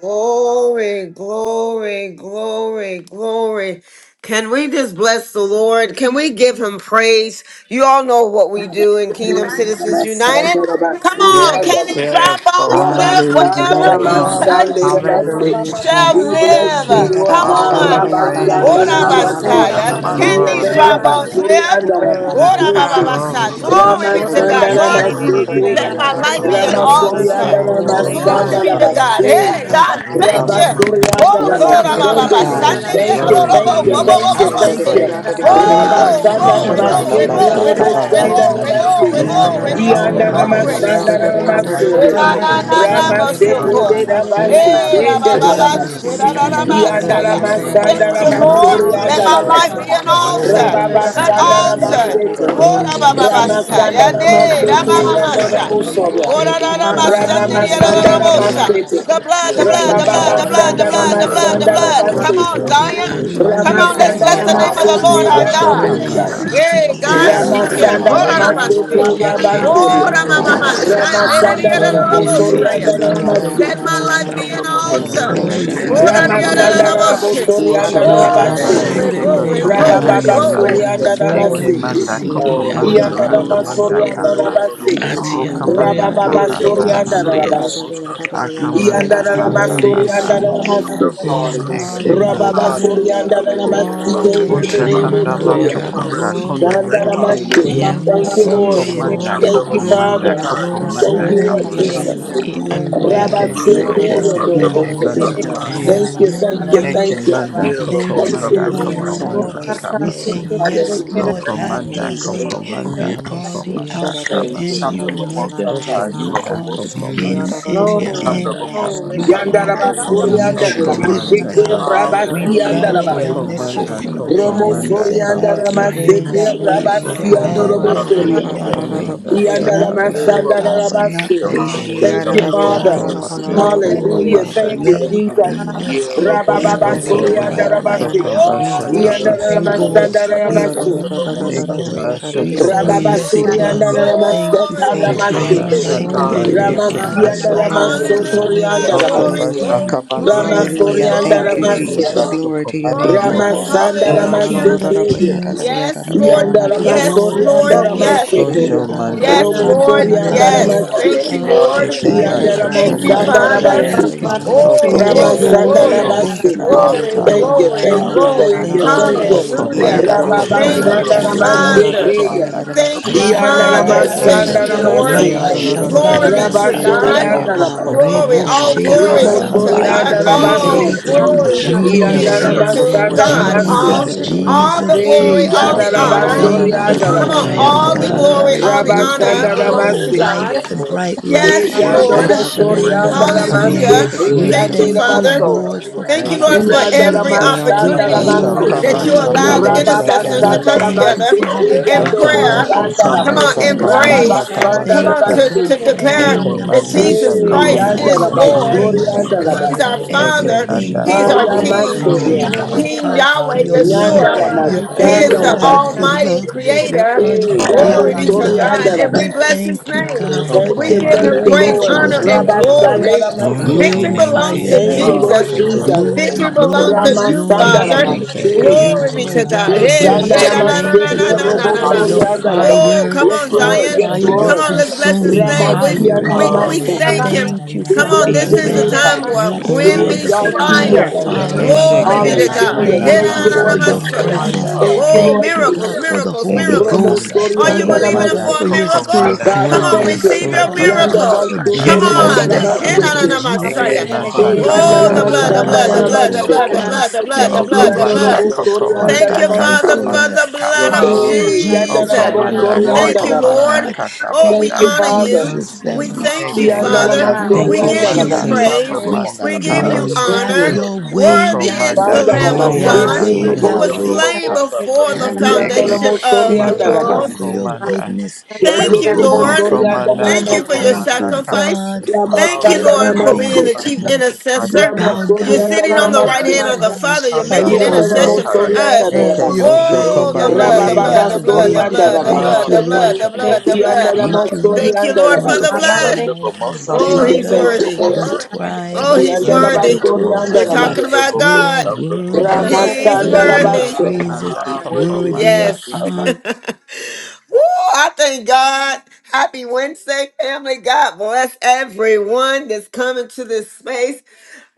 Speaker 1: Glory, glory, glory, glory. Can we just bless the Lord? Can we give him praise? You all know what we do in
Speaker 2: We
Speaker 1: Kingdom Citizens
Speaker 2: bless
Speaker 1: United.
Speaker 2: you,
Speaker 1: Come on, can
Speaker 3: Yes,
Speaker 1: these dry
Speaker 3: yes, Lord.
Speaker 1: bones live
Speaker 4: Lord.
Speaker 1: whatever
Speaker 5: Hallelujah.
Speaker 3: Oh,
Speaker 1: he
Speaker 6: Lord.
Speaker 1: touches?
Speaker 5: Glory,
Speaker 3: hallelujah. Thank
Speaker 6: Hallelujah,
Speaker 3: you,
Speaker 4: Thank you,
Speaker 1: shall
Speaker 5: glory,
Speaker 4: Father
Speaker 6: Jesus.
Speaker 3: Jesus.
Speaker 4: God.
Speaker 7: Yeah,
Speaker 5: glory.
Speaker 1: live.
Speaker 7: da da
Speaker 2: Lord
Speaker 1: Come
Speaker 7: da da
Speaker 3: Oh,
Speaker 2: God.
Speaker 6: Father,
Speaker 7: da
Speaker 3: that
Speaker 7: ba
Speaker 6: we
Speaker 3: my
Speaker 5: Thank
Speaker 7: ba
Speaker 1: on.
Speaker 7: ya
Speaker 5: you,
Speaker 7: da
Speaker 3: son,
Speaker 7: da bo
Speaker 6: praise
Speaker 3: that
Speaker 6: you.
Speaker 3: it
Speaker 7: shi
Speaker 3: is
Speaker 1: Ora
Speaker 7: ya
Speaker 4: Hallelujah.
Speaker 7: la
Speaker 5: Jesus.
Speaker 7: la
Speaker 4: Thank
Speaker 3: your
Speaker 7: la
Speaker 2: Rabasandanamasi.
Speaker 4: you,
Speaker 7: la
Speaker 6: Hallelujah.
Speaker 7: la
Speaker 3: son,
Speaker 1: Basaya.
Speaker 6: We
Speaker 7: la
Speaker 3: that
Speaker 4: Father
Speaker 7: da
Speaker 3: my
Speaker 4: God.
Speaker 7: bo bo
Speaker 1: Can
Speaker 7: ya
Speaker 1: these
Speaker 7: da
Speaker 3: son,
Speaker 7: da
Speaker 1: dry
Speaker 6: glorify
Speaker 7: bo
Speaker 3: Yes,
Speaker 7: shi
Speaker 5: Hallelujah.
Speaker 7: ya
Speaker 1: bones
Speaker 6: you.
Speaker 7: da da
Speaker 2: Iyandarabasuri
Speaker 7: ya
Speaker 1: live?
Speaker 7: da da
Speaker 5: We
Speaker 7: ba
Speaker 4: Lord,
Speaker 7: ya da
Speaker 3: Yes,
Speaker 7: da
Speaker 4: oh,
Speaker 7: ba
Speaker 1: Ora
Speaker 6: We
Speaker 7: ya
Speaker 4: see,
Speaker 7: da
Speaker 2: andarabasiki.
Speaker 1: Baba
Speaker 5: glorify
Speaker 3: God.
Speaker 4: thank
Speaker 7: da.
Speaker 4: you,
Speaker 3: it
Speaker 4: Savior.
Speaker 5: your
Speaker 1: Basaya.
Speaker 4: Lord,
Speaker 3: is
Speaker 4: oh,
Speaker 6: glorify
Speaker 5: name.
Speaker 7: Yi
Speaker 3: shut
Speaker 6: you.
Speaker 4: Lord,
Speaker 1: Glory
Speaker 7: shi
Speaker 3: that
Speaker 7: ya
Speaker 1: be
Speaker 4: son,
Speaker 3: up,
Speaker 7: da da
Speaker 1: to
Speaker 3: my
Speaker 7: ya
Speaker 4: Lord,
Speaker 1: God.
Speaker 3: God.
Speaker 7: la
Speaker 5: We
Speaker 6: Hallelujah,
Speaker 7: la
Speaker 1: Lord,
Speaker 7: la
Speaker 4: oh,
Speaker 7: la
Speaker 3: Yes,
Speaker 2: Ramasandanamasi.
Speaker 5: honor
Speaker 7: la
Speaker 4: God.
Speaker 7: da
Speaker 3: it
Speaker 5: you,
Speaker 7: bo bo
Speaker 1: let
Speaker 3: is.
Speaker 5: Lord.
Speaker 7: ya
Speaker 1: my
Speaker 7: da
Speaker 5: We
Speaker 7: da ba
Speaker 6: Jesus.
Speaker 1: life
Speaker 7: ya
Speaker 1: be
Speaker 7: da
Speaker 5: honor
Speaker 1: an
Speaker 7: da ba ya
Speaker 5: you.
Speaker 7: la
Speaker 6: We
Speaker 2: Ramasuri
Speaker 7: la la
Speaker 1: altar.
Speaker 7: la la
Speaker 6: praise
Speaker 7: da
Speaker 6: you.
Speaker 7: bo
Speaker 3: Oh,
Speaker 6: We
Speaker 5: Honor
Speaker 7: shi ya
Speaker 1: Glory
Speaker 5: you,
Speaker 7: da
Speaker 3: yes,
Speaker 1: be
Speaker 7: da.
Speaker 6: glorify
Speaker 1: to
Speaker 3: Lord. I
Speaker 5: Lord.
Speaker 6: you.
Speaker 7: Thank
Speaker 1: God.
Speaker 6: We
Speaker 2: andaramasandalabasi.
Speaker 7: you,
Speaker 3: say
Speaker 1: Hey,
Speaker 3: thank
Speaker 4: Thank
Speaker 6: magnify
Speaker 7: Jesus.
Speaker 3: you.
Speaker 4: you,
Speaker 1: God,
Speaker 6: you.
Speaker 5: We
Speaker 8: Thank
Speaker 1: thank
Speaker 4: Jesus.
Speaker 2: Rabasurianda
Speaker 1: you.
Speaker 5: honor
Speaker 7: Hallelujah.
Speaker 6: Hallelujah,
Speaker 5: you.
Speaker 2: Surianda
Speaker 4: Hallelujah.
Speaker 1: Oh,
Speaker 3: I
Speaker 6: Jesus.
Speaker 7: Glory
Speaker 3: tell
Speaker 7: to
Speaker 1: glory,
Speaker 3: them,
Speaker 7: your
Speaker 3: my
Speaker 1: Baba
Speaker 7: name,
Speaker 2: Namaskende.
Speaker 3: God,
Speaker 6: I
Speaker 4: Lord,
Speaker 7: God.
Speaker 4: oh,
Speaker 6: give
Speaker 3: Yes,
Speaker 6: you
Speaker 4: see,
Speaker 1: Basaya.
Speaker 2: Thank
Speaker 3: it
Speaker 7: Bless
Speaker 9: Oya
Speaker 7: your
Speaker 4: thank
Speaker 2: you,
Speaker 3: is.
Speaker 4: you,
Speaker 6: glory,
Speaker 3: It
Speaker 4: Lord,
Speaker 7: name,
Speaker 6: give
Speaker 4: oh,
Speaker 2: thank
Speaker 5: We
Speaker 6: you
Speaker 9: maso.
Speaker 2: you,
Speaker 4: Lord,
Speaker 3: is.
Speaker 6: honor,
Speaker 7: Jesus.
Speaker 2: thank
Speaker 6: and
Speaker 4: son,
Speaker 2: you,
Speaker 6: give
Speaker 4: Lord,
Speaker 6: you
Speaker 4: oh, Lord,
Speaker 2: thank
Speaker 7: Hallelujah. ba
Speaker 2: you.
Speaker 9: Haya
Speaker 7: ya da
Speaker 6: praise.
Speaker 7: da ba
Speaker 9: ndia
Speaker 7: ya da
Speaker 3: It
Speaker 7: da
Speaker 3: is
Speaker 7: ya
Speaker 3: my
Speaker 9: sonde
Speaker 5: worship
Speaker 7: la
Speaker 1: Oh,
Speaker 6: Hallelujah.
Speaker 7: la
Speaker 5: your
Speaker 3: son,
Speaker 7: la
Speaker 9: yere
Speaker 2: Rabasanda Sanda
Speaker 3: that
Speaker 7: la da
Speaker 1: glory,
Speaker 9: ya
Speaker 7: da
Speaker 5: name,
Speaker 7: bo
Speaker 6: Hoshokanda
Speaker 1: glory,
Speaker 5: Lord.
Speaker 7: shi
Speaker 3: it is
Speaker 7: ya
Speaker 3: your
Speaker 9: basoya.
Speaker 7: da
Speaker 2: Namaste,
Speaker 7: da
Speaker 1: glory,
Speaker 7: ba
Speaker 2: Robo
Speaker 3: son.
Speaker 7: ya
Speaker 4: Lord,
Speaker 7: da
Speaker 1: glory,
Speaker 7: da
Speaker 5: We
Speaker 4: oh,
Speaker 2: Sanda
Speaker 6: bashakabalata.
Speaker 7: ba.
Speaker 9: Ota
Speaker 1: glory,
Speaker 4: son,
Speaker 3: Yes,
Speaker 9: ya
Speaker 3: it
Speaker 4: Lord,
Speaker 3: is.
Speaker 4: oh,
Speaker 2: Namaste.
Speaker 5: glorify
Speaker 1: glory,
Speaker 4: Lord,
Speaker 5: you,
Speaker 7: Ya
Speaker 9: masonde
Speaker 7: na
Speaker 6: Ekebo
Speaker 7: na
Speaker 5: Lord.
Speaker 9: yere
Speaker 7: na
Speaker 3: Oh,
Speaker 7: na
Speaker 9: ki
Speaker 5: We
Speaker 1: glory, glory,
Speaker 2: Ianda
Speaker 7: na
Speaker 9: ya
Speaker 7: da
Speaker 3: Lord,
Speaker 7: da
Speaker 3: I
Speaker 10: Thank
Speaker 7: da
Speaker 5: honor
Speaker 7: da
Speaker 10: you,
Speaker 9: maso.
Speaker 3: see
Speaker 7: ya
Speaker 1: glory.
Speaker 6: shokobayekebo
Speaker 2: Namasanda
Speaker 7: da
Speaker 10: Father
Speaker 3: it
Speaker 5: you,
Speaker 7: da ba
Speaker 5: Lord.
Speaker 3: is
Speaker 7: ya
Speaker 3: your
Speaker 9: Ho
Speaker 7: da da
Speaker 6: tokomanda
Speaker 3: son,
Speaker 7: bo
Speaker 2: Namasuri.
Speaker 4: Yeah,
Speaker 10: God.
Speaker 1: Ena
Speaker 5: We
Speaker 7: shi
Speaker 4: Lord,
Speaker 6: na.
Speaker 7: ya
Speaker 4: oh,
Speaker 1: na
Speaker 9: shataya
Speaker 3: that
Speaker 7: da
Speaker 5: thank
Speaker 4: son,
Speaker 7: da
Speaker 3: I
Speaker 1: na
Speaker 7: ba
Speaker 9: ndo
Speaker 5: you,
Speaker 4: Lord,
Speaker 7: ya
Speaker 1: na
Speaker 9: ya
Speaker 3: see
Speaker 4: oh,
Speaker 7: da
Speaker 2: Rama
Speaker 5: Lord,
Speaker 7: da
Speaker 3: it.
Speaker 5: for
Speaker 7: ya
Speaker 10: Thank
Speaker 7: la
Speaker 5: who
Speaker 9: rebe
Speaker 4: Lord,
Speaker 10: you,
Speaker 9: ya
Speaker 4: son,
Speaker 7: la
Speaker 2: Sekre
Speaker 1: moshoko.
Speaker 4: God.
Speaker 7: la
Speaker 2: de
Speaker 5: you
Speaker 4: Yeah,
Speaker 7: la
Speaker 6: Ekemanda
Speaker 7: da
Speaker 5: are.
Speaker 3: Oh,
Speaker 7: bo
Speaker 10: Jesus.
Speaker 4: Lord,
Speaker 7: shi
Speaker 2: Rabasti,
Speaker 9: babasoya.
Speaker 4: oh,
Speaker 7: ya da
Speaker 4: see,
Speaker 1: Eh,
Speaker 7: da
Speaker 1: da
Speaker 3: Lord,
Speaker 5: Thank
Speaker 6: kukomanda
Speaker 7: ba
Speaker 2: Kende
Speaker 1: ba
Speaker 3: I
Speaker 5: you,
Speaker 7: ya.
Speaker 1: ba
Speaker 10: Glory
Speaker 1: ba,
Speaker 9: Ondi
Speaker 10: to
Speaker 3: see
Speaker 10: your
Speaker 2: Rabasti.
Speaker 1: eh,
Speaker 10: name.
Speaker 3: it,
Speaker 5: Jesus.
Speaker 9: esi
Speaker 4: Lord, oh,
Speaker 1: da
Speaker 4: Lord,
Speaker 6: kukomanda.
Speaker 1: da
Speaker 9: i
Speaker 5: Thank
Speaker 7: Yada
Speaker 1: da
Speaker 5: you,
Speaker 7: da
Speaker 1: ba,
Speaker 3: Jamila.
Speaker 7: yada
Speaker 9: ando
Speaker 4: see,
Speaker 2: Ianda
Speaker 1: sa,
Speaker 7: da
Speaker 4: thank you,
Speaker 9: nde
Speaker 1: yeah.
Speaker 6: Eke
Speaker 4: Shando, Lord,
Speaker 10: Father.
Speaker 7: yada
Speaker 5: Jesus.
Speaker 9: yere
Speaker 4: oh,
Speaker 7: da da
Speaker 4: Lord,
Speaker 9: ya
Speaker 6: manda
Speaker 4: son,
Speaker 2: Namasanda
Speaker 1: Thank
Speaker 7: yada
Speaker 1: you,
Speaker 4: God.
Speaker 7: na
Speaker 6: koko
Speaker 7: na
Speaker 9: baso.
Speaker 5: Thank
Speaker 7: na
Speaker 3: Yes,
Speaker 1: Lord.
Speaker 5: you,
Speaker 10: Thank
Speaker 7: na
Speaker 2: Namasuri
Speaker 10: you,
Speaker 6: koko
Speaker 7: na na
Speaker 1: Let
Speaker 5: Lord.
Speaker 2: Anda
Speaker 6: ko.
Speaker 7: na
Speaker 1: my
Speaker 10: Jesus.
Speaker 7: bush
Speaker 1: life
Speaker 2: Rabasti.
Speaker 1: be
Speaker 7: yada
Speaker 1: an
Speaker 5: Everything,
Speaker 7: da
Speaker 6: Eke
Speaker 4: Yeah,
Speaker 7: yada
Speaker 1: altar,
Speaker 7: da
Speaker 9: Ondi
Speaker 4: Lord,
Speaker 10: Yes,
Speaker 7: da
Speaker 4: oh, oh, Yeah, oh, oh,
Speaker 6: manda
Speaker 2: Rababa
Speaker 7: da
Speaker 9: esi
Speaker 1: an
Speaker 9: ki
Speaker 10: yes,
Speaker 2: Sanda
Speaker 6: koko
Speaker 10: Lord,
Speaker 9: ando.
Speaker 5: everything,
Speaker 1: altar.
Speaker 10: yes,
Speaker 6: manda
Speaker 7: yada da
Speaker 10: Lord.
Speaker 2: Rabasete.
Speaker 7: da da
Speaker 10: Glory
Speaker 1: Lord, da
Speaker 9: Ondi
Speaker 1: ba
Speaker 7: da da
Speaker 6: kalasu.
Speaker 7: da
Speaker 1: ba
Speaker 7: da
Speaker 1: ba,
Speaker 9: esi
Speaker 5: everything,
Speaker 2: Rama
Speaker 7: yada
Speaker 9: i
Speaker 1: sa,
Speaker 7: da
Speaker 2: Sanda
Speaker 10: to
Speaker 1: yeah,
Speaker 5: Father
Speaker 10: your
Speaker 7: yada
Speaker 9: ando
Speaker 7: na
Speaker 6: Eke
Speaker 7: na
Speaker 5: God.
Speaker 9: ya
Speaker 7: na
Speaker 1: de,
Speaker 5: We
Speaker 7: na
Speaker 1: da
Speaker 7: na
Speaker 1: ba
Speaker 7: na
Speaker 6: manda
Speaker 2: Ramasete
Speaker 1: ba
Speaker 10: mighty
Speaker 7: na
Speaker 2: and
Speaker 1: ba,
Speaker 10: name,
Speaker 2: the
Speaker 5: glorify
Speaker 7: bush
Speaker 1: sa.
Speaker 9: rabasataya.
Speaker 10: Father
Speaker 6: kolo
Speaker 5: your
Speaker 7: yada
Speaker 10: God.
Speaker 7: da
Speaker 5: name.
Speaker 4: oh,
Speaker 2: Busoria.
Speaker 7: yada
Speaker 1: Oh,
Speaker 6: seke.
Speaker 7: da
Speaker 1: da da
Speaker 7: yada
Speaker 1: da,
Speaker 7: da
Speaker 5: We
Speaker 10: Hallelujah.
Speaker 7: da
Speaker 1: my
Speaker 9: Ekiyama
Speaker 5: say
Speaker 7: yada
Speaker 1: son, de,
Speaker 7: na
Speaker 1: de,
Speaker 2: Rama
Speaker 7: na
Speaker 5: yes
Speaker 1: da
Speaker 6: Eke
Speaker 7: na
Speaker 10: Thank
Speaker 5: to
Speaker 1: da
Speaker 7: na
Speaker 2: Sanda
Speaker 1: da,
Speaker 10: you,
Speaker 5: you,
Speaker 7: na
Speaker 9: sondere
Speaker 6: manda.
Speaker 7: na
Speaker 1: bo,
Speaker 10: Jesus.
Speaker 7: bush
Speaker 1: sa.
Speaker 5: Lord.
Speaker 7: yada da
Speaker 2: Ramasete.
Speaker 1: The
Speaker 10: Yes,
Speaker 9: yabaso.
Speaker 1: blood, the
Speaker 10: Lord,
Speaker 4: Yellow
Speaker 5: We
Speaker 10: yes,
Speaker 1: blood,
Speaker 6: Eke
Speaker 1: the
Speaker 4: most
Speaker 7: ish
Speaker 4: of
Speaker 5: thank
Speaker 7: yada
Speaker 1: blood,
Speaker 2: Rababa
Speaker 1: the
Speaker 10: Lord,
Speaker 5: you,
Speaker 7: da
Speaker 6: keke
Speaker 4: the
Speaker 7: bye
Speaker 1: blood, the
Speaker 9: Boshataya
Speaker 4: most
Speaker 2: Sanda
Speaker 7: bye
Speaker 1: blood,
Speaker 9: ndo
Speaker 5: Jesus.
Speaker 6: keke
Speaker 1: the
Speaker 7: yada
Speaker 5: We
Speaker 10: yes,
Speaker 7: da
Speaker 4: attire
Speaker 1: blood,
Speaker 7: da
Speaker 1: the
Speaker 4: the
Speaker 7: da
Speaker 2: Ramasanda
Speaker 6: keke
Speaker 5: cover
Speaker 7: da
Speaker 10: Lord,
Speaker 5: us
Speaker 1: blood.
Speaker 7: da
Speaker 9: yarabasi.
Speaker 10: yes,
Speaker 5: by
Speaker 4: robots.
Speaker 1: Come
Speaker 6: keke.
Speaker 5: the
Speaker 7: yada na
Speaker 1: on,
Speaker 7: na na
Speaker 10: Lord.
Speaker 6: This
Speaker 2: Rabasete.
Speaker 9: E
Speaker 5: blood.
Speaker 7: na
Speaker 1: Zion.
Speaker 5: Thank
Speaker 10: Glory,
Speaker 7: bush
Speaker 5: you,
Speaker 7: yada
Speaker 10: Father
Speaker 1: Come
Speaker 7: da
Speaker 2: Rama
Speaker 4: Yellow
Speaker 10: God.
Speaker 1: on,
Speaker 9: andondere
Speaker 1: let's
Speaker 7: yada da
Speaker 4: most
Speaker 5: Jesus.
Speaker 2: Sanda
Speaker 1: bless
Speaker 4: of
Speaker 1: the
Speaker 7: yada da
Speaker 4: the
Speaker 1: name of the
Speaker 7: yada
Speaker 4: most
Speaker 9: yabaso.
Speaker 7: na
Speaker 1: Lord
Speaker 7: na
Speaker 5: Thank
Speaker 1: our
Speaker 2: Ramasete
Speaker 5: you,
Speaker 10: Hallelujah,
Speaker 2: and
Speaker 7: bush
Speaker 4: attire
Speaker 6: Asha
Speaker 2: the
Speaker 7: yada
Speaker 1: God.
Speaker 4: the
Speaker 7: da
Speaker 9: Ondi
Speaker 7: da
Speaker 5: Jesus.
Speaker 10: hallelujah.
Speaker 4: robots.
Speaker 6: Kanana.
Speaker 7: yada
Speaker 2: Busha.
Speaker 5: Thank
Speaker 9: esiki
Speaker 1: Yay,
Speaker 5: you,
Speaker 9: ando
Speaker 1: God,
Speaker 7: yada
Speaker 5: Jesus.
Speaker 2: Rama
Speaker 7: da
Speaker 1: thank
Speaker 10: Thank
Speaker 7: da
Speaker 1: you.
Speaker 10: you,
Speaker 4: Yellow
Speaker 7: yada
Speaker 2: Sanda
Speaker 10: Father.
Speaker 1: Hold
Speaker 7: da
Speaker 4: most
Speaker 9: yarabasataya.
Speaker 1: on, I'm
Speaker 3: come.
Speaker 7: yada
Speaker 4: to
Speaker 7: na na na
Speaker 1: sick.
Speaker 4: yellow
Speaker 2: Ramasete
Speaker 10: Yes,
Speaker 7: na
Speaker 10: Lord.
Speaker 7: bush
Speaker 4: robots
Speaker 6: This
Speaker 9: Ekete
Speaker 6: is
Speaker 7: yada
Speaker 4: and
Speaker 7: da
Speaker 1: Hold
Speaker 2: Yabashuria.
Speaker 4: the
Speaker 1: on,
Speaker 6: that
Speaker 9: yandi
Speaker 10: Thank
Speaker 1: Mama,
Speaker 7: yada
Speaker 10: you,
Speaker 4: robots
Speaker 6: num
Speaker 1: my
Speaker 7: da
Speaker 10: Father.
Speaker 9: yaso.
Speaker 7: yada
Speaker 4: attire.
Speaker 1: son.
Speaker 2: Rama
Speaker 7: na
Speaker 1: Let it
Speaker 7: bush
Speaker 1: be a
Speaker 2: Sanda
Speaker 6: emerge
Speaker 11: Thank
Speaker 7: yada
Speaker 9: Ondi
Speaker 7: da
Speaker 1: little
Speaker 10: We
Speaker 6: into
Speaker 5: Hallelujah.
Speaker 9: esi
Speaker 4: Yellow
Speaker 10: bless
Speaker 2: Rabusoria
Speaker 6: it.
Speaker 1: of
Speaker 2: and
Speaker 10: your
Speaker 9: i
Speaker 4: most
Speaker 7: Idi
Speaker 2: the
Speaker 10: name,
Speaker 4: to
Speaker 9: ando
Speaker 10: Lord.
Speaker 4: yellow
Speaker 7: yada
Speaker 10: God.
Speaker 7: da
Speaker 1: Let
Speaker 5: Hallelujah.
Speaker 2: Ramasete.
Speaker 7: da ba
Speaker 1: my
Speaker 7: yada
Speaker 4: robots
Speaker 1: life
Speaker 7: no
Speaker 1: be
Speaker 4: and
Speaker 7: no
Speaker 4: the
Speaker 1: an
Speaker 9: yaramasaya.
Speaker 7: no
Speaker 6: We
Speaker 7: no da
Speaker 10: with
Speaker 4: robots
Speaker 7: ba.
Speaker 6: learn
Speaker 1: altar.
Speaker 5: Glory
Speaker 4: attire.
Speaker 5: to
Speaker 7: Thank
Speaker 3: Oh,
Speaker 6: that
Speaker 7: you,
Speaker 6: the
Speaker 5: your
Speaker 9: Oshaka
Speaker 6: one
Speaker 3: yes,
Speaker 10: testimony.
Speaker 1: Hold on,
Speaker 6: out
Speaker 7: Jesus.
Speaker 5: name,
Speaker 3: Lord,
Speaker 2: Rama
Speaker 1: the
Speaker 9: yando
Speaker 3: we
Speaker 5: Lord.
Speaker 2: Sanda
Speaker 3: pray.
Speaker 1: other
Speaker 6: emerge.
Speaker 7: Hallelujah.
Speaker 4: Yellow
Speaker 10: Hallelujah.
Speaker 1: little bit
Speaker 9: yarabasi.
Speaker 4: most
Speaker 7: I
Speaker 2: Rabusoria
Speaker 1: of
Speaker 4: to
Speaker 2: and
Speaker 7: Yada
Speaker 5: Thank
Speaker 6: Osho
Speaker 5: you,
Speaker 7: da
Speaker 9: Ye
Speaker 7: da
Speaker 4: yellow
Speaker 2: the
Speaker 7: ba
Speaker 6: Kana
Speaker 1: Oh,
Speaker 5: Father
Speaker 7: yada
Speaker 6: by
Speaker 7: da
Speaker 10: Thank
Speaker 4: robots
Speaker 7: ba
Speaker 5: God.
Speaker 10: you,
Speaker 4: and
Speaker 1: glory,
Speaker 2: Rabasete.
Speaker 4: the
Speaker 7: yada
Speaker 6: Eke
Speaker 7: no
Speaker 9: ansondere
Speaker 7: no
Speaker 10: Jesus.
Speaker 1: glory,
Speaker 7: no
Speaker 4: robots
Speaker 6: Batu
Speaker 7: da
Speaker 11: you.
Speaker 7: da
Speaker 3: Hallelujah.
Speaker 5: Thank
Speaker 7: ba
Speaker 1: glory,
Speaker 7: shi
Speaker 5: you,
Speaker 2: Rababa
Speaker 10: Yes,
Speaker 7: yada
Speaker 9: yabaso.
Speaker 7: da
Speaker 6: Komanda.
Speaker 1: glory,
Speaker 10: Lord.
Speaker 2: Soria and
Speaker 7: yada
Speaker 2: the
Speaker 7: da
Speaker 5: Jesus,
Speaker 7: ba
Speaker 10: Yes,
Speaker 5: for
Speaker 7: yada da.
Speaker 10: Lord.
Speaker 6: Eke
Speaker 2: Ramasete.
Speaker 9: Ondi
Speaker 6: manda
Speaker 7: I
Speaker 5: everything.
Speaker 9: esi i
Speaker 6: koko
Speaker 7: Yana
Speaker 4: Yellow
Speaker 7: na
Speaker 10: Thank
Speaker 7: na
Speaker 9: ando
Speaker 10: you,
Speaker 4: most
Speaker 5: We
Speaker 7: na
Speaker 6: manda
Speaker 4: of
Speaker 7: na na
Speaker 10: Father
Speaker 7: na
Speaker 6: kata
Speaker 7: na
Speaker 4: the
Speaker 10: God.
Speaker 7: na da
Speaker 4: most
Speaker 6: manda
Speaker 5: glorify
Speaker 7: ba
Speaker 9: yaramasaya.
Speaker 7: ba
Speaker 4: attire
Speaker 5: you.
Speaker 6: kata.
Speaker 7: yada
Speaker 4: the
Speaker 7: da
Speaker 10: Glory
Speaker 7: ba
Speaker 10: to
Speaker 2: Iyandaramasoryandarabaste.
Speaker 10: your name,
Speaker 7: yada
Speaker 5: We
Speaker 7: da
Speaker 4: robots.
Speaker 7: ba
Speaker 10: Lord
Speaker 9: Ati
Speaker 10: God.
Speaker 5: honor
Speaker 7: yada
Speaker 9: ando
Speaker 7: da
Speaker 5: you.
Speaker 7: ba
Speaker 6: Okamanda
Speaker 5: We
Speaker 7: yada da.
Speaker 10: Glory
Speaker 9: yarabeki
Speaker 5: worship
Speaker 10: to
Speaker 4: Yellow
Speaker 10: your
Speaker 5: your
Speaker 10: name,
Speaker 4: most
Speaker 6: kakataka.
Speaker 4: of
Speaker 10: Father.
Speaker 5: name,
Speaker 9: yabaso
Speaker 4: the
Speaker 5: Lord.
Speaker 7: Yada
Speaker 2: Rabababasoryandarabaste.
Speaker 4: most
Speaker 10: God.
Speaker 4: attire
Speaker 5: We
Speaker 4: the
Speaker 5: say
Speaker 6: Akamanda
Speaker 4: robots.
Speaker 5: thank
Speaker 10: Thank
Speaker 9: Only
Speaker 5: you,
Speaker 10: you,
Speaker 6: hatabada.
Speaker 9: see.
Speaker 10: Jesus.
Speaker 2: Iyandaramasoryandarabaste.
Speaker 4: Shandala
Speaker 9: Yeah,
Speaker 4: most
Speaker 5: Jesus.
Speaker 10: Hallelujah.
Speaker 4: attire the robots. Shandal Mosa Taya
Speaker 9: masoya.
Speaker 4: Lobo
Speaker 6: Ekemanda.
Speaker 5: Hallelujah.
Speaker 4: Sita
Speaker 10: Hallelujah.
Speaker 4: Yellow robots
Speaker 2: Rababasoryandarabaste.
Speaker 4: and
Speaker 10: Glory,
Speaker 4: the
Speaker 10: Lord.
Speaker 4: robots.
Speaker 6: Ushakanda
Speaker 9: Otayamando
Speaker 6: la
Speaker 5: Hallelujah.
Speaker 2: Yodorobosorya.
Speaker 10: Glory,
Speaker 6: tokunga
Speaker 10: Jesus.
Speaker 9: yarabasi.
Speaker 5: Glory,
Speaker 4: Hallelujah.
Speaker 6: konodo
Speaker 4: Thank you,
Speaker 5: glory,
Speaker 3: Yes, God.
Speaker 2: Yandaramaste.
Speaker 6: tokunda.
Speaker 10: Hallelujah.
Speaker 4: Jesus.
Speaker 9: Yeah,
Speaker 2: Thank
Speaker 5: glory.
Speaker 2: you,
Speaker 9: masonde
Speaker 2: Lord.
Speaker 6: Okomanda
Speaker 9: yerekia
Speaker 5: Glory,
Speaker 2: Thank
Speaker 4: Chandela
Speaker 2: you,
Speaker 9: maso.
Speaker 6: kokomanda
Speaker 5: glory,
Speaker 2: Father.
Speaker 4: Mosataya,
Speaker 2: Thank
Speaker 5: glory.
Speaker 6: kokomanda
Speaker 2: you, Lord
Speaker 10: Thank you,
Speaker 4: Robosita.
Speaker 9: Only
Speaker 6: kamashi.
Speaker 10: Father
Speaker 5: Thank
Speaker 2: Jesus.
Speaker 9: see.
Speaker 10: God.
Speaker 5: you,
Speaker 9: E
Speaker 5: the
Speaker 9: ando
Speaker 2: Rabba,
Speaker 5: Almighty,
Speaker 10: Yes,
Speaker 6: Eke
Speaker 4: Yeah,
Speaker 5: true
Speaker 10: Lord. We
Speaker 2: Rabaseke
Speaker 9: yaramasaya.
Speaker 6: eke
Speaker 10: love
Speaker 5: living
Speaker 6: eke
Speaker 4: Robosandela
Speaker 6: ke
Speaker 5: God.
Speaker 2: Yodorobosorya.
Speaker 10: you.
Speaker 6: macho
Speaker 10: We
Speaker 5: We
Speaker 10: love you,
Speaker 6: koko.
Speaker 4: Mosataya.
Speaker 10: Father.
Speaker 9: Yeah,
Speaker 2: Thank
Speaker 5: bless
Speaker 2: you,
Speaker 5: your
Speaker 2: thank you,
Speaker 9: masonde.
Speaker 10: We
Speaker 5: name.
Speaker 2: thank
Speaker 6: Eke
Speaker 2: you.
Speaker 10: thank you, God.
Speaker 5: We
Speaker 6: manda
Speaker 4: Yeah,
Speaker 5: thank you
Speaker 2: Thank you,
Speaker 5: for
Speaker 6: kokomanda
Speaker 10: Thank
Speaker 4: Robosandela
Speaker 5: who
Speaker 2: Lord.
Speaker 10: you, Father.
Speaker 9: Ikatayandiaso.
Speaker 5: you are.
Speaker 6: kokomanda
Speaker 4: Mosataya.
Speaker 5: We
Speaker 10: God.
Speaker 5: say,
Speaker 6: kabashi.
Speaker 5: Yes,
Speaker 2: Hallelujah.
Speaker 10: Hallelujah.
Speaker 5: Lord,
Speaker 4: Thank you,
Speaker 5: have your
Speaker 6: Okomanda
Speaker 4: Jesus.
Speaker 5: way.
Speaker 10: Thank you, Jesus.
Speaker 6: kokomanda
Speaker 9: Oya
Speaker 5: You are the
Speaker 9: masoya.
Speaker 6: kokomanda
Speaker 5: Alpha
Speaker 10: Thank you,
Speaker 5: and
Speaker 6: kabashi.
Speaker 10: Jesus.
Speaker 5: the
Speaker 4: Chandela
Speaker 5: Omega.
Speaker 4: Mosataya,
Speaker 10: Yes,
Speaker 5: You
Speaker 10: Father.
Speaker 6: Okomanda
Speaker 5: are the
Speaker 4: Robosita.
Speaker 10: Praise
Speaker 9: Only
Speaker 6: kokomanda
Speaker 5: beginning
Speaker 7: Thank
Speaker 9: see
Speaker 5: and the
Speaker 9: tiando.
Speaker 5: end.
Speaker 6: kokomanda
Speaker 4: Chandela
Speaker 5: You
Speaker 6: kabashi.
Speaker 4: Mosataya,
Speaker 5: are
Speaker 2: Yandaraba
Speaker 5: the only
Speaker 4: Robosita.
Speaker 10: the
Speaker 5: true
Speaker 6: Oko
Speaker 2: Suryandaraba
Speaker 5: living
Speaker 6: manda
Speaker 2: Sheke
Speaker 9: Oshatayando.
Speaker 5: God.
Speaker 6: kala.
Speaker 5: We
Speaker 2: Rabasi
Speaker 4: Hallelujah.
Speaker 5: bow
Speaker 9: Ikia
Speaker 2: Andaraba
Speaker 10: Lord. Praise
Speaker 6: Oko
Speaker 5: down
Speaker 10: the
Speaker 5: at your
Speaker 10: Lord.
Speaker 6: manda
Speaker 9: masoya.
Speaker 5: feet
Speaker 4: Thank
Speaker 6: koko
Speaker 4: you,
Speaker 2: Romo
Speaker 5: and we
Speaker 6: manda
Speaker 4: Jesus.
Speaker 5: said,
Speaker 6: kala
Speaker 5: Have
Speaker 10: Praise
Speaker 6: se.
Speaker 5: your
Speaker 2: Suryandarama
Speaker 10: the
Speaker 9: Aya
Speaker 5: way,
Speaker 10: Lord.
Speaker 4: Thank
Speaker 2: Seke
Speaker 4: you,
Speaker 9: masonde
Speaker 5: Yahweh.
Speaker 4: Jesus.
Speaker 2: Rabasi
Speaker 6: Oko
Speaker 9: yerekia
Speaker 5: Have
Speaker 2: Andorobo
Speaker 6: manda
Speaker 10: Yes,
Speaker 5: your
Speaker 9: maso.
Speaker 10: Jesus.
Speaker 5: way,
Speaker 2: Surya
Speaker 6: koko
Speaker 4: Hallelujah.
Speaker 10: Yes,
Speaker 5: Yahweh,
Speaker 10: Jesus.
Speaker 6: komanda
Speaker 10: Yes,
Speaker 5: not
Speaker 2: Yandarama
Speaker 10: Jesus.
Speaker 6: sakana.
Speaker 5: by
Speaker 4: Oh,
Speaker 5: power, but
Speaker 4: Robosita,
Speaker 2: Sandaraba
Speaker 5: not by
Speaker 2: Seke.
Speaker 6: Eke
Speaker 5: might,
Speaker 10: Hallelujah.
Speaker 2: Thank
Speaker 5: but
Speaker 2: you,
Speaker 6: manda
Speaker 5: it's
Speaker 4: Robosandela
Speaker 5: by
Speaker 2: Father.
Speaker 6: koko
Speaker 5: your
Speaker 10: Thank
Speaker 4: Mosataya.
Speaker 10: you,
Speaker 6: manda
Speaker 5: spirit,
Speaker 10: Jesus.
Speaker 6: koko
Speaker 5: Lord.
Speaker 2: Hallelujah.
Speaker 6: manda
Speaker 2: Thank you,
Speaker 5: Let
Speaker 10: Yes,
Speaker 6: kala.
Speaker 5: it
Speaker 10: Lord.
Speaker 2: Jesus.
Speaker 5: be your
Speaker 4: Hallelujah.
Speaker 5: spirit. Thank
Speaker 2: Rababa
Speaker 5: you
Speaker 4: Thank
Speaker 5: for
Speaker 6: Oko
Speaker 5: the
Speaker 10: Thank you. Jesus.
Speaker 6: manda
Speaker 5: bright
Speaker 2: Suryandaraba
Speaker 5: light.
Speaker 6: koko
Speaker 2: Seke.
Speaker 5: We
Speaker 6: basha
Speaker 10: Hallelujah.
Speaker 6: kala
Speaker 5: worship you,
Speaker 1: glory,
Speaker 6: seke
Speaker 2: Yandarama
Speaker 5: Lord.
Speaker 10: Yes,
Speaker 6: masaka.
Speaker 2: Sandarama
Speaker 5: We
Speaker 10: Jesus.
Speaker 5: honor
Speaker 2: Seke.
Speaker 5: you,
Speaker 6: Eke
Speaker 5: Lord. We
Speaker 6: masoko
Speaker 5: say,
Speaker 6: ba
Speaker 9: Only
Speaker 2: Rababa
Speaker 5: Yes,
Speaker 9: see
Speaker 6: yeke
Speaker 5: Lord.
Speaker 6: basi.
Speaker 9: tiando.
Speaker 2: Suryandarama Seke
Speaker 5: Thank you for
Speaker 1: glory.
Speaker 5: the
Speaker 7: you,
Speaker 6: Eke
Speaker 5: bright
Speaker 9: Atayama
Speaker 7: Jesus.
Speaker 2: Ramashotori.
Speaker 5: light.
Speaker 6: masaka ba
Speaker 5: You
Speaker 7: Hallelujah.
Speaker 9: sondere
Speaker 10: Hallelujah.
Speaker 6: yeke
Speaker 5: are
Speaker 10: Jesus.
Speaker 5: the
Speaker 9: yamaso.
Speaker 5: light
Speaker 6: masata.
Speaker 2: Ramasiandarama
Speaker 5: of this
Speaker 7: Hallelujah.
Speaker 5: world.
Speaker 1: Hallelujah,
Speaker 10: Yes,
Speaker 2: Sotoriandaraba
Speaker 6: Oko
Speaker 10: Jesus.
Speaker 5: We
Speaker 1: glory,
Speaker 10: Yes,
Speaker 6: basha
Speaker 7: Hallelujah.
Speaker 1: glory,
Speaker 10: Jesus.
Speaker 5: thank
Speaker 6: kaba
Speaker 5: you,
Speaker 1: glory,
Speaker 6: yeke
Speaker 5: Father
Speaker 7: Hallelujah.
Speaker 5: God,
Speaker 6: matoko
Speaker 2: Ramasorianda
Speaker 5: for
Speaker 1: glory,
Speaker 7: Thank
Speaker 6: ba
Speaker 7: you,
Speaker 10: Yes,
Speaker 5: who
Speaker 6: yeke
Speaker 5: you
Speaker 10: Lord.
Speaker 7: Jesus.
Speaker 5: are.
Speaker 2: Ramasu,
Speaker 7: Glory
Speaker 6: matoko
Speaker 7: to
Speaker 6: ba
Speaker 7: your name,
Speaker 5: You
Speaker 6: yeke.
Speaker 7: God.
Speaker 1: glory,
Speaker 5: are
Speaker 10: Thank you.
Speaker 2: Ramasanda
Speaker 5: the
Speaker 6: Oko ba
Speaker 1: hallelujah.
Speaker 5: King of
Speaker 2: Ramasekele,
Speaker 6: yeke
Speaker 5: Kings.
Speaker 1: Yes,
Speaker 5: You
Speaker 1: Lord,
Speaker 2: Yanda
Speaker 5: are the
Speaker 1: yes,
Speaker 5: Lord of
Speaker 1: Lord,
Speaker 2: Ramasorianda
Speaker 5: Lords.
Speaker 1: yes.
Speaker 5: You
Speaker 6: Osho
Speaker 2: Ramasokoro,
Speaker 5: are the
Speaker 6: manda
Speaker 1: Yes,
Speaker 2: Robo
Speaker 6: koto
Speaker 1: Lord.
Speaker 5: conquering
Speaker 2: Sorianda
Speaker 1: Yes.
Speaker 5: lion
Speaker 6: komanda.
Speaker 1: Thank
Speaker 2: Ramasu,
Speaker 10: Yes,
Speaker 1: you,
Speaker 5: of
Speaker 10: Lord.
Speaker 5: the
Speaker 1: Lord.
Speaker 10: Yes,
Speaker 6: Eke
Speaker 5: tribe
Speaker 2: Yanda
Speaker 5: of
Speaker 6: mancho
Speaker 10: Jesus.
Speaker 1: Thank you,
Speaker 4: you,
Speaker 5: Judah.
Speaker 2: Ramasanda
Speaker 4: God.
Speaker 6: komanana.
Speaker 1: Father.
Speaker 10: Yes,
Speaker 5: Thank
Speaker 2: Rabasu,
Speaker 5: you,
Speaker 10: Father God.
Speaker 5: God, for
Speaker 1: Oh,
Speaker 6: Oko
Speaker 5: your
Speaker 1: glory,
Speaker 6: manda
Speaker 7: Yada
Speaker 10: Thank you,
Speaker 5: roar.
Speaker 2: Ramasanda
Speaker 1: glory,
Speaker 6: koko
Speaker 4: Horrible.
Speaker 10: Jesus.
Speaker 5: Thank you,
Speaker 6: manda
Speaker 2: Rabaseke.
Speaker 5: God,
Speaker 1: glory,
Speaker 6: kata
Speaker 5: for
Speaker 10: Hallelujah.
Speaker 2: Thank
Speaker 5: your
Speaker 2: you,
Speaker 6: manda
Speaker 1: glory,
Speaker 2: thank
Speaker 5: pour.
Speaker 2: you, thank
Speaker 6: kabashi.
Speaker 1: glory.
Speaker 2: you,
Speaker 5: Thank
Speaker 10: Glory
Speaker 5: you,
Speaker 3: Oh,
Speaker 10: to
Speaker 2: thank
Speaker 10: your
Speaker 5: God,
Speaker 2: you.
Speaker 3: yes,
Speaker 10: name,
Speaker 3: the
Speaker 6: Oko
Speaker 5: for
Speaker 10: my God.
Speaker 1: Hallelujah.
Speaker 3: big
Speaker 6: manda koko
Speaker 1: Thank
Speaker 3: ocean
Speaker 5: everything
Speaker 10: Hallelujah.
Speaker 3: of
Speaker 1: you,
Speaker 5: that
Speaker 2: Rababasanda
Speaker 6: manda
Speaker 5: you
Speaker 3: us.
Speaker 5: are
Speaker 6: koko
Speaker 5: doing
Speaker 10: Thank
Speaker 1: Father.
Speaker 10: you,
Speaker 6: manda
Speaker 2: Ramasekele,
Speaker 10: Father.
Speaker 1: Thank
Speaker 4: Horrible.
Speaker 1: you,
Speaker 6: kakashi.
Speaker 2: Yanda
Speaker 4: Horrible.
Speaker 3: All
Speaker 1: Father.
Speaker 3: of
Speaker 10: Yes,
Speaker 3: us,
Speaker 5: Ashatarabaseya
Speaker 1: Thank
Speaker 2: Ramasanda
Speaker 6: Eke
Speaker 10: Jesus.
Speaker 1: you,
Speaker 3: sit
Speaker 10: Yes,
Speaker 3: it
Speaker 1: Lord.
Speaker 6: keke
Speaker 7: Yara
Speaker 3: by
Speaker 5: Rabba
Speaker 4: Hallelujah. Thank
Speaker 2: Ramase,
Speaker 3: your
Speaker 6: keke
Speaker 4: you,
Speaker 1: Glory
Speaker 3: secret.
Speaker 6: keke.
Speaker 1: be
Speaker 4: Jesus.
Speaker 1: to
Speaker 4: Praise your
Speaker 3: All
Speaker 1: God.
Speaker 5: Shambarabasataraba
Speaker 2: Rabasorianda
Speaker 6: Oko
Speaker 2: Rabasu,
Speaker 6: koko
Speaker 1: Glory,
Speaker 5: Rebo
Speaker 6: koko
Speaker 1: all
Speaker 5: Sheha
Speaker 6: koko
Speaker 1: glory
Speaker 2: Romo
Speaker 1: be
Speaker 6: nama
Speaker 3: of
Speaker 1: to
Speaker 6: sheke
Speaker 5: Sambaya.
Speaker 1: God.
Speaker 2: Sorianda
Speaker 3: us,
Speaker 6: man.
Speaker 10: Jesus.
Speaker 3: sit
Speaker 1: All
Speaker 2: Rabase.
Speaker 3: it by
Speaker 5: Thank
Speaker 9: Doyaramasi.
Speaker 5: you,
Speaker 1: glory
Speaker 3: your secret.
Speaker 1: be
Speaker 9: Yeshiando
Speaker 5: Jesus,
Speaker 1: to God.
Speaker 3: Thank
Speaker 9: Yaramasa.
Speaker 3: you
Speaker 5: Jesus,
Speaker 1: All
Speaker 2: Yanarabasandaramasi.
Speaker 3: for
Speaker 6: Hasha kaman
Speaker 1: all
Speaker 3: this.
Speaker 1: the
Speaker 5: Jesus,
Speaker 6: yes Lord.
Speaker 1: glory,
Speaker 3: Yes,
Speaker 2: Hey,
Speaker 1: all
Speaker 5: Jesus.
Speaker 1: the
Speaker 6: Hasha
Speaker 3: I'm
Speaker 1: honor
Speaker 5: Thank
Speaker 6: kaman.
Speaker 5: you,
Speaker 10: Hallelujah.
Speaker 1: Come
Speaker 9: Hota
Speaker 1: on,
Speaker 2: Yadarabasoriandarabas.
Speaker 5: Father
Speaker 1: all
Speaker 6: Eke
Speaker 1: the
Speaker 9: Yamando.
Speaker 5: God.
Speaker 1: glory,
Speaker 6: manda.
Speaker 1: all the
Speaker 5: You
Speaker 10: All
Speaker 3: Yes,
Speaker 10: the
Speaker 1: honor
Speaker 5: are
Speaker 10: honor.
Speaker 5: the
Speaker 1: belongs to
Speaker 2: Rabasandaramasi.
Speaker 4: holy
Speaker 5: light,
Speaker 1: God.
Speaker 3: yes.
Speaker 5: the
Speaker 10: Yes,
Speaker 4: name.
Speaker 10: Lord.
Speaker 5: bright
Speaker 4: You're
Speaker 5: light
Speaker 2: Hey,
Speaker 1: Yes,
Speaker 4: so worthy to
Speaker 1: Lord.
Speaker 5: that
Speaker 4: be
Speaker 10: Yes,
Speaker 5: shines
Speaker 10: Lord.
Speaker 5: in
Speaker 4: praised.
Speaker 5: this
Speaker 9: Hoya
Speaker 2: Yandobosoriandaramasi.
Speaker 5: room.
Speaker 1: Hallelujah.
Speaker 2: Hey,
Speaker 5: We
Speaker 4: Thank
Speaker 10: Thank you,
Speaker 9: Masoya.
Speaker 1: Thank
Speaker 4: you,
Speaker 1: you,
Speaker 10: Father.
Speaker 5: thank you,
Speaker 1: Father.
Speaker 2: Yanderabaso.
Speaker 4: Jesus.
Speaker 5: Lord, for
Speaker 1: Thank you,
Speaker 10: Thank you,
Speaker 1: Lord,
Speaker 5: Prophetess
Speaker 1: for
Speaker 10: Jesus.
Speaker 4: Thank you,
Speaker 1: every
Speaker 5: Sheila.
Speaker 4: Father
Speaker 5: We
Speaker 4: God.
Speaker 1: opportunity
Speaker 6: Hasha
Speaker 2: Yandaramasandaramasi.
Speaker 1: that
Speaker 6: kama
Speaker 5: glorify
Speaker 1: you
Speaker 4: Hallelujah.
Speaker 5: you,
Speaker 6: shaka
Speaker 1: allow the
Speaker 5: Lord.
Speaker 6: mashake
Speaker 1: intercessors to
Speaker 5: We
Speaker 1: come
Speaker 6: mashaka.
Speaker 5: thank you,
Speaker 1: together
Speaker 2: Rababasandaramasi. Hey,
Speaker 4: Oh,
Speaker 5: Father
Speaker 10: Yes,
Speaker 1: in
Speaker 5: God,
Speaker 6: Eke
Speaker 10: Jesus.
Speaker 5: for
Speaker 4: you're
Speaker 5: her
Speaker 4: the
Speaker 1: prayer.
Speaker 4: most
Speaker 6: mashaka
Speaker 4: high
Speaker 2: Yandobosandaram.
Speaker 1: Come
Speaker 4: time.
Speaker 10: Yes,
Speaker 1: on,
Speaker 5: obedience
Speaker 4: You're
Speaker 5: in
Speaker 1: in
Speaker 6: bashaka
Speaker 10: Jesus.
Speaker 5: this
Speaker 4: the
Speaker 5: room.
Speaker 4: most
Speaker 1: praise.
Speaker 4: high
Speaker 6: mashaka
Speaker 4: time.
Speaker 1: Come
Speaker 10: Yes,
Speaker 1: on,
Speaker 5: Thank you,
Speaker 6: mashaka.
Speaker 1: to,
Speaker 10: Lord.
Speaker 2: Rababasandaramasi.
Speaker 1: to
Speaker 5: God, for
Speaker 4: You're
Speaker 1: declare
Speaker 6: Eke
Speaker 4: the
Speaker 5: Kingdom
Speaker 1: that
Speaker 4: most high time.
Speaker 6: mana
Speaker 1: Jesus
Speaker 4: You're
Speaker 5: Citizen
Speaker 2: Hey,
Speaker 6: shaka
Speaker 4: the
Speaker 1: Christ
Speaker 6: mana
Speaker 3: Mm,
Speaker 1: is
Speaker 5: United.
Speaker 4: most
Speaker 6: shaka
Speaker 3: yes,
Speaker 1: Lord.
Speaker 6: mana
Speaker 5: Thank you,
Speaker 4: high
Speaker 10: You
Speaker 6: shaka.
Speaker 9: Doyaramasi.
Speaker 5: God,
Speaker 4: time.
Speaker 1: He's
Speaker 2: Yandarabasoriandarabas.
Speaker 10: precious
Speaker 1: our
Speaker 5: for
Speaker 10: Lord.
Speaker 6: Eke
Speaker 1: Father.
Speaker 5: everything,
Speaker 6: manda
Speaker 5: the
Speaker 1: He's
Speaker 4: You're
Speaker 1: our
Speaker 10: Thank
Speaker 6: koko
Speaker 10: you,
Speaker 5: poor.
Speaker 10: Jesus.
Speaker 1: King.
Speaker 6: manda
Speaker 4: the most
Speaker 6: shake
Speaker 3: mm.
Speaker 5: Thank
Speaker 4: high
Speaker 2: Hayamatoriabas.
Speaker 5: you,
Speaker 6: manda.
Speaker 1: King
Speaker 4: time.
Speaker 5: God, for
Speaker 1: Yahweh
Speaker 5: your love,
Speaker 1: Yeshua.
Speaker 6: Eke
Speaker 4: Hallelujah.
Speaker 5: your
Speaker 6: manda
Speaker 1: He
Speaker 10: Thank
Speaker 1: is
Speaker 10: you,
Speaker 4: Hallelujah.
Speaker 1: the
Speaker 6: koko
Speaker 10: Lord.
Speaker 2: Yandaramasandarabas.
Speaker 5: everlasting
Speaker 6: manda.
Speaker 1: Almighty
Speaker 5: love your
Speaker 1: Creator.
Speaker 2: Hey,
Speaker 6: Eke
Speaker 2: Yambo
Speaker 10: Yes,
Speaker 1: Glory
Speaker 6: manda
Speaker 1: be
Speaker 5: unfailing
Speaker 1: to
Speaker 10: Jesus.
Speaker 5: love.
Speaker 6: koko
Speaker 1: God. And
Speaker 2: Soriandaraba.
Speaker 1: we
Speaker 5: We
Speaker 6: manda.
Speaker 1: bless His
Speaker 5: thank you,
Speaker 1: name.
Speaker 5: God, for
Speaker 2: Thank
Speaker 6: Koko
Speaker 1: We
Speaker 2: you,
Speaker 10: We
Speaker 1: give
Speaker 2: thank
Speaker 1: Him
Speaker 10: bless
Speaker 6: manda
Speaker 2: you,
Speaker 5: everything
Speaker 10: his
Speaker 1: praise,
Speaker 5: that
Speaker 10: name.
Speaker 2: Lord.
Speaker 5: you
Speaker 6: koko
Speaker 5: are
Speaker 10: Yes,
Speaker 1: honor,
Speaker 10: Lord.
Speaker 5: doing.
Speaker 1: and
Speaker 2: Rabba
Speaker 6: manda
Speaker 10: We bless your
Speaker 1: glory.
Speaker 6: kabashi.
Speaker 10: name.
Speaker 9: Glory to your
Speaker 2: Sandaramase.
Speaker 1: Victory
Speaker 9: name,
Speaker 5: Glorify
Speaker 1: belongs
Speaker 5: your
Speaker 1: to
Speaker 2: Thank
Speaker 6: Eke
Speaker 9: Jesus.
Speaker 2: you,
Speaker 10: Thank
Speaker 5: name.
Speaker 10: you,
Speaker 6: ke
Speaker 1: Jesus.
Speaker 2: Lord
Speaker 10: Jesus.
Speaker 6: ke ke
Speaker 2: Jesus.
Speaker 6: ke
Speaker 10: Thank
Speaker 5: Glory,
Speaker 1: Victory
Speaker 6: man.
Speaker 10: you. Jesus.
Speaker 1: belongs
Speaker 5: glory,
Speaker 1: to
Speaker 2: Rama
Speaker 1: you,
Speaker 5: glory
Speaker 7: Iyo
Speaker 5: are
Speaker 1: Father.
Speaker 5: you.
Speaker 6: Eke
Speaker 2: Sandaramase.
Speaker 6: ke.
Speaker 10: Yes.
Speaker 5: You
Speaker 1: Glory be
Speaker 5: are
Speaker 1: to God.
Speaker 2: Hey,
Speaker 1: Hey,
Speaker 5: Yahweh.
Speaker 1: yeah, no, no, no,
Speaker 5: Thank
Speaker 1: no,
Speaker 2: Sandaramase,
Speaker 5: you,
Speaker 1: no, no,
Speaker 5: God,
Speaker 1: no,
Speaker 2: Robo
Speaker 1: no,
Speaker 5: for
Speaker 1: no.
Speaker 5: your
Speaker 10: Hallelujah.
Speaker 2: Soriandaraba.
Speaker 1: Oh,
Speaker 5: fire,
Speaker 1: come
Speaker 2: Yes,
Speaker 1: on,
Speaker 5: your
Speaker 2: Lord,
Speaker 1: Zion.
Speaker 2: yes,
Speaker 5: fire, your
Speaker 1: Come
Speaker 2: Lord.
Speaker 1: on, let's bless his
Speaker 5: consuming
Speaker 2: Rama
Speaker 1: name. We,
Speaker 5: fire,
Speaker 1: we,
Speaker 5: Lord.
Speaker 1: we
Speaker 2: Sianaramase.
Speaker 1: thank him.
Speaker 5: Thank you,
Speaker 2: We
Speaker 1: Come on,
Speaker 2: bless
Speaker 5: Father
Speaker 1: this
Speaker 2: your
Speaker 1: is the
Speaker 9: Yande.
Speaker 2: name,
Speaker 5: God.
Speaker 1: time
Speaker 4: Thank you,
Speaker 2: Father.
Speaker 1: where
Speaker 5: You
Speaker 4: Jesus.
Speaker 1: wind
Speaker 2: We
Speaker 4: I
Speaker 5: are
Speaker 9: Undia
Speaker 5: the
Speaker 1: meets
Speaker 2: exalt you,
Speaker 4: praise your
Speaker 5: fire,
Speaker 2: Lord.
Speaker 1: fire.
Speaker 9: Sikiando
Speaker 4: holy
Speaker 2: God.
Speaker 5: fire,
Speaker 4: name.
Speaker 6: Eshe
Speaker 1: Glory be
Speaker 6: ke
Speaker 5: fire.
Speaker 9: Yarabasaya.
Speaker 1: to
Speaker 6: mana
Speaker 1: God.
Speaker 4: You're
Speaker 2: Hallelujah.
Speaker 6: na
Speaker 1: Hey,
Speaker 4: worthy
Speaker 2: Thank
Speaker 5: Thank
Speaker 6: na
Speaker 5: you
Speaker 1: no,
Speaker 2: you,
Speaker 1: no,
Speaker 6: na
Speaker 1: no,
Speaker 5: for
Speaker 2: Lord
Speaker 4: to
Speaker 1: no,
Speaker 4: be
Speaker 5: your
Speaker 2: God.
Speaker 6: koto
Speaker 1: so, yeah.
Speaker 4: praised.
Speaker 5: presence.
Speaker 6: manda.
Speaker 10: Hallelujah.
Speaker 2: Thank you,
Speaker 1: Oh,
Speaker 10: Thank
Speaker 2: Lord
Speaker 10: you,
Speaker 5: Thank
Speaker 4: Hallelujah.
Speaker 5: you,
Speaker 1: miracles,
Speaker 5: God,
Speaker 10: Jesus.
Speaker 2: Jesus.
Speaker 5: for the
Speaker 1: miracles,
Speaker 5: Holy
Speaker 6: Eke
Speaker 1: miracles.
Speaker 2: Romo
Speaker 5: Ghost.
Speaker 6: manda
Speaker 1: Are you
Speaker 6: koko
Speaker 5: Thank
Speaker 4: Thank
Speaker 5: you,
Speaker 1: believing him
Speaker 5: God,
Speaker 6: manda
Speaker 1: for
Speaker 4: you,
Speaker 5: for
Speaker 1: a
Speaker 2: Soriandarabase.
Speaker 4: Jesus.
Speaker 5: your
Speaker 6: koko
Speaker 5: spirit.
Speaker 1: miracle?
Speaker 6: manda
Speaker 2: God, we
Speaker 1: Come on,
Speaker 6: kata
Speaker 2: thank
Speaker 9: Hondia
Speaker 2: you.
Speaker 5: Thank you,
Speaker 1: receive
Speaker 6: kata
Speaker 4: Hallelujah.
Speaker 9: so.
Speaker 1: your
Speaker 5: Father
Speaker 4: Thank
Speaker 6: kanda
Speaker 4: you,
Speaker 2: Yanda
Speaker 5: God,
Speaker 1: miracle.
Speaker 5: for
Speaker 6: masha
Speaker 4: Jesus.
Speaker 1: Come
Speaker 10: Yes,
Speaker 2: Basotori
Speaker 6: kata
Speaker 2: and
Speaker 5: Jesus,
Speaker 10: Lord.
Speaker 1: on.
Speaker 5: my
Speaker 10: Yes,
Speaker 6: kata
Speaker 4: I
Speaker 6: ka.
Speaker 1: Yeah, no,
Speaker 10: Jesus.
Speaker 1: no,
Speaker 5: brother
Speaker 9: Ekiyamasunde.
Speaker 2: Alamasiki.
Speaker 1: no,
Speaker 4: receive my
Speaker 5: Jesus.
Speaker 6: Eke
Speaker 1: Messiah.
Speaker 10: Thank you, Father
Speaker 6: masha
Speaker 2: E
Speaker 4: miracle.
Speaker 5: Thank you
Speaker 10: God.
Speaker 2: Yanda
Speaker 5: that
Speaker 1: Oh,
Speaker 4: Hallelujah.
Speaker 9: Ikando
Speaker 5: he
Speaker 1: the
Speaker 6: kamanda
Speaker 1: blood, the
Speaker 6: shaka
Speaker 2: Lamasanda
Speaker 1: blood, the
Speaker 5: died
Speaker 9: Yaramasi.
Speaker 10: Yes,
Speaker 6: manda
Speaker 1: blood,
Speaker 4: Oh,
Speaker 1: the
Speaker 4: the
Speaker 10: Lord.
Speaker 5: for
Speaker 1: blood, the
Speaker 2: Lamasiki.
Speaker 6: shike.
Speaker 4: most
Speaker 1: blood,
Speaker 5: us.
Speaker 1: the blood,
Speaker 4: yellow,
Speaker 10: Blood
Speaker 1: the
Speaker 10: of
Speaker 5: Thank
Speaker 6: Oko
Speaker 4: the
Speaker 5: you,
Speaker 1: blood,
Speaker 10: Jesus.
Speaker 1: the
Speaker 2: Yanda
Speaker 4: most
Speaker 6: manda
Speaker 10: Yes,
Speaker 4: and
Speaker 1: blood.
Speaker 5: Jesus,
Speaker 10: Lord.
Speaker 4: the
Speaker 6: koko
Speaker 2: Robotori
Speaker 5: for
Speaker 2: and
Speaker 4: most.
Speaker 1: Thank
Speaker 6: manda
Speaker 1: you,
Speaker 5: dying
Speaker 10: Yes,
Speaker 6: kaka
Speaker 1: Father,
Speaker 5: for
Speaker 10: Lord.
Speaker 1: for
Speaker 2: Alamasiki.
Speaker 6: manda
Speaker 1: the
Speaker 5: us.
Speaker 10: Yes,
Speaker 1: blood of
Speaker 6: kabashi.
Speaker 5: Thank
Speaker 10: Lord.
Speaker 5: you,
Speaker 2: E
Speaker 4: Hallelujah.
Speaker 2: Yanda
Speaker 5: Jesus,
Speaker 6: Oko
Speaker 5: for
Speaker 1: Jesus.
Speaker 4: Shanda
Speaker 6: manda
Speaker 4: the
Speaker 2: Robotori
Speaker 5: opening
Speaker 2: and
Speaker 10: Glory.
Speaker 1: Thank
Speaker 5: up
Speaker 4: most.
Speaker 6: koko
Speaker 1: you,
Speaker 5: your
Speaker 2: Alabas.
Speaker 6: manda
Speaker 1: Lord.
Speaker 5: heart.
Speaker 6: kaka
Speaker 1: Oh, we
Speaker 2: Thank
Speaker 5: Thank
Speaker 6: manda
Speaker 2: you,
Speaker 5: you,
Speaker 1: honor
Speaker 2: Father.
Speaker 1: you.
Speaker 6: kabashi.
Speaker 5: Jesus, that
Speaker 1: We
Speaker 9: Masoya.
Speaker 5: we
Speaker 1: thank you,
Speaker 6: Eke
Speaker 5: honor,
Speaker 2: Yanda
Speaker 4: Hallelujah.
Speaker 1: Father.
Speaker 6: manda
Speaker 5: we
Speaker 2: Lamasori
Speaker 9: Thank
Speaker 1: We
Speaker 9: you,
Speaker 6: koko
Speaker 2: and
Speaker 1: give
Speaker 5: worship
Speaker 1: you
Speaker 2: Alabas.
Speaker 6: manda
Speaker 5: you.
Speaker 9: Jesus.
Speaker 4: Shanda the
Speaker 6: koko
Speaker 1: praise.
Speaker 5: We
Speaker 4: most.
Speaker 6: manda
Speaker 1: We
Speaker 5: say,
Speaker 1: give you
Speaker 5: Yes,
Speaker 9: Glory.
Speaker 4: Yellow,
Speaker 6: kabashi.
Speaker 4: the
Speaker 5: have
Speaker 1: honor.
Speaker 5: your
Speaker 4: most.
Speaker 5: way,
Speaker 1: Worthy
Speaker 6: Oko
Speaker 1: is the
Speaker 6: manda
Speaker 2: Yanda
Speaker 5: Yahweh,
Speaker 1: Lamb
Speaker 6: koko
Speaker 1: of
Speaker 4: Oh,
Speaker 9: Hoya
Speaker 4: the
Speaker 1: God
Speaker 5: Yahweh,
Speaker 6: manda
Speaker 2: Lamasiki,
Speaker 4: most
Speaker 2: you
Speaker 9: Masoya.
Speaker 6: koko
Speaker 1: who was
Speaker 2: bush.
Speaker 4: yellow,
Speaker 5: Yahweh.
Speaker 6: manda
Speaker 4: the
Speaker 1: slain
Speaker 6: ka.
Speaker 4: most and the
Speaker 1: before the
Speaker 5: Have your
Speaker 4: most.
Speaker 2: Yanda
Speaker 5: way.
Speaker 6: Eke
Speaker 1: foundation
Speaker 2: Lamasori
Speaker 1: of the
Speaker 2: and
Speaker 5: Thank you,
Speaker 6: manda
Speaker 5: God,
Speaker 1: world.
Speaker 5: for
Speaker 2: Alabas.
Speaker 6: koko
Speaker 4: Oh,
Speaker 5: your
Speaker 4: the
Speaker 6: manda.
Speaker 4: most
Speaker 5: goodness, your
Speaker 1: Thank
Speaker 4: yellow,
Speaker 2: Yanda
Speaker 1: you,
Speaker 4: the most
Speaker 5: goodness
Speaker 6: Hoko
Speaker 1: Lord.
Speaker 2: Robotori
Speaker 4: and
Speaker 5: in
Speaker 2: and
Speaker 5: your
Speaker 4: the
Speaker 6: mana
Speaker 5: heart.
Speaker 1: Thank
Speaker 4: most.
Speaker 1: you for
Speaker 6: koko
Speaker 1: your
Speaker 2: Alamasiki.
Speaker 5: Thank
Speaker 6: mana
Speaker 5: you,
Speaker 1: sacrifice.
Speaker 6: kambashi.
Speaker 5: God, for
Speaker 1: Thank you,
Speaker 2: Ramasanda
Speaker 1: Lord,
Speaker 4: Hallelujah.
Speaker 1: for
Speaker 6: Hoko
Speaker 5: everything.
Speaker 1: being the
Speaker 2: Lamasiki.
Speaker 1: chief
Speaker 5: For
Speaker 6: bayete
Speaker 5: we
Speaker 1: intercessor.
Speaker 6: bashoko
Speaker 5: bow
Speaker 1: You're
Speaker 2: Ramasori
Speaker 5: down,
Speaker 2: and
Speaker 6: bayete
Speaker 1: sitting on the
Speaker 5: we
Speaker 1: right
Speaker 6: batuko
Speaker 1: hand
Speaker 2: Alamasiki.
Speaker 5: bow
Speaker 1: of the
Speaker 5: down.
Speaker 1: Father.
Speaker 6: bayete
Speaker 1: You're
Speaker 4: Shanda
Speaker 5: Have
Speaker 2: Thank
Speaker 1: making
Speaker 4: the
Speaker 2: you, thank
Speaker 5: your
Speaker 4: most.
Speaker 6: basaka.
Speaker 5: way,
Speaker 1: intercession for
Speaker 4: Yellow,
Speaker 1: us.
Speaker 4: the
Speaker 5: have
Speaker 6: Eke
Speaker 4: most.
Speaker 5: your way,
Speaker 6: boshoko
Speaker 4: Yellow,
Speaker 1: Oh, the
Speaker 4: the
Speaker 5: Yahweh,
Speaker 1: blood,
Speaker 6: bayeke
Speaker 1: the
Speaker 4: most.
Speaker 1: blood, the
Speaker 6: batuko
Speaker 1: blood,
Speaker 5: Yahweh.
Speaker 1: the
Speaker 6: mana
Speaker 1: blood,
Speaker 6: na
Speaker 1: the
Speaker 6: na
Speaker 5: Thank
Speaker 1: blood,
Speaker 4: Hallelujah.
Speaker 6: na
Speaker 5: you,
Speaker 1: the
Speaker 6: na
Speaker 5: Lord.
Speaker 1: blood, the
Speaker 4: Thank
Speaker 6: shoko
Speaker 4: you,
Speaker 1: blood, the
Speaker 6: mana
Speaker 1: blood.
Speaker 6: na.
Speaker 5: Thank you, Lord,
Speaker 4: Jesus.
Speaker 1: Thank you, Lord, for
Speaker 5: for
Speaker 6: Ashoko
Speaker 5: the
Speaker 1: the blood.
Speaker 4: Thunder
Speaker 5: tribe
Speaker 4: from
Speaker 6: mataka
Speaker 4: most
Speaker 5: of
Speaker 4: high,
Speaker 1: Oh,
Speaker 4: time,
Speaker 2: you,
Speaker 1: he's
Speaker 6: mataka
Speaker 5: Judah,
Speaker 2: thank
Speaker 4: love the
Speaker 1: worthy.
Speaker 6: bata.
Speaker 2: you.
Speaker 5: the
Speaker 4: most high.
Speaker 5: tribe
Speaker 1: Oh,
Speaker 5: of
Speaker 6: Eke
Speaker 1: he's
Speaker 5: Judah,
Speaker 6: manda
Speaker 4: Yeah,
Speaker 5: the
Speaker 1: worthy.
Speaker 4: love of
Speaker 6: koko
Speaker 4: most
Speaker 5: 12
Speaker 1: We're
Speaker 4: high,
Speaker 6: mana
Speaker 5: tribe.
Speaker 2: Yandarabasoriandarabas.
Speaker 4: yeah,
Speaker 1: talking
Speaker 4: love
Speaker 6: taka
Speaker 1: about
Speaker 4: of
Speaker 5: You are
Speaker 4: most
Speaker 6: bataka
Speaker 4: high,
Speaker 1: God.
Speaker 4: thunder
Speaker 6: bataka
Speaker 4: from most
Speaker 10: Yes,
Speaker 5: worthy,
Speaker 6: badana.
Speaker 10: Lord.
Speaker 1: He's
Speaker 10: Yes,
Speaker 4: high,
Speaker 5: worthy
Speaker 10: Lord.
Speaker 2: Ramasandarabas.
Speaker 5: of
Speaker 1: worthy.
Speaker 6: Eke
Speaker 5: praises,
Speaker 6: manda
Speaker 10: He's
Speaker 6: koko
Speaker 10: worthy.
Speaker 5: worthy
Speaker 4: Hallelujah.
Speaker 5: of
Speaker 6: manda
Speaker 1: Yes.
Speaker 10: Yes, he
Speaker 6: kaka.
Speaker 5: honor.
Speaker 10: is.
Speaker 1: Woo, I thank God. Happy Wednesday, family. God bless everyone that's coming to this space.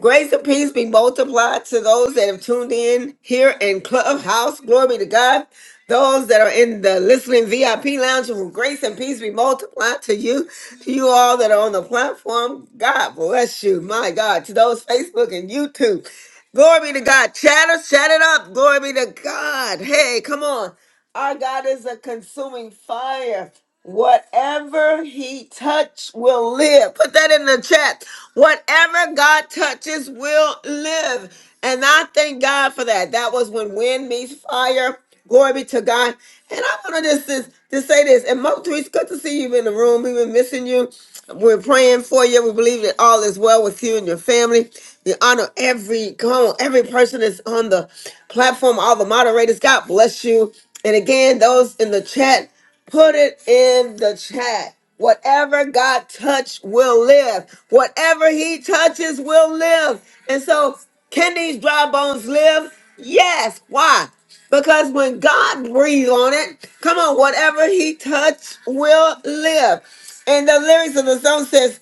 Speaker 1: Grace and peace be multiplied to those that have tuned in here in Clubhouse. Glory be to God. Those that are in the listening VIP lounge, grace and peace be multiplied to you, to you all that are on the platform. God bless you. My God. To those Facebook and YouTube. Glory be to God. Chatter, chat it up. Glory be to God. Hey, come on. Our God is a consuming fire. Whatever he touch will live. Put that in the chat. Whatever God touches will live. And I thank God for that. That was when wind meets fire. Glory be to God. And I want to just, just, just say this. And Mo, it's good to see you in the room. We've been missing you. We're praying for you. We believe that all is well with you and your family. We honor every come on, every person that's on the platform, all the moderators. God bless you. And again, those in the chat, put it in the chat. Whatever God touch will live. Whatever He touches will live. And so, can these dry bones live? Yes. Why? Because when God breathed on it, come on, whatever he touched will live. And the lyrics of the song says,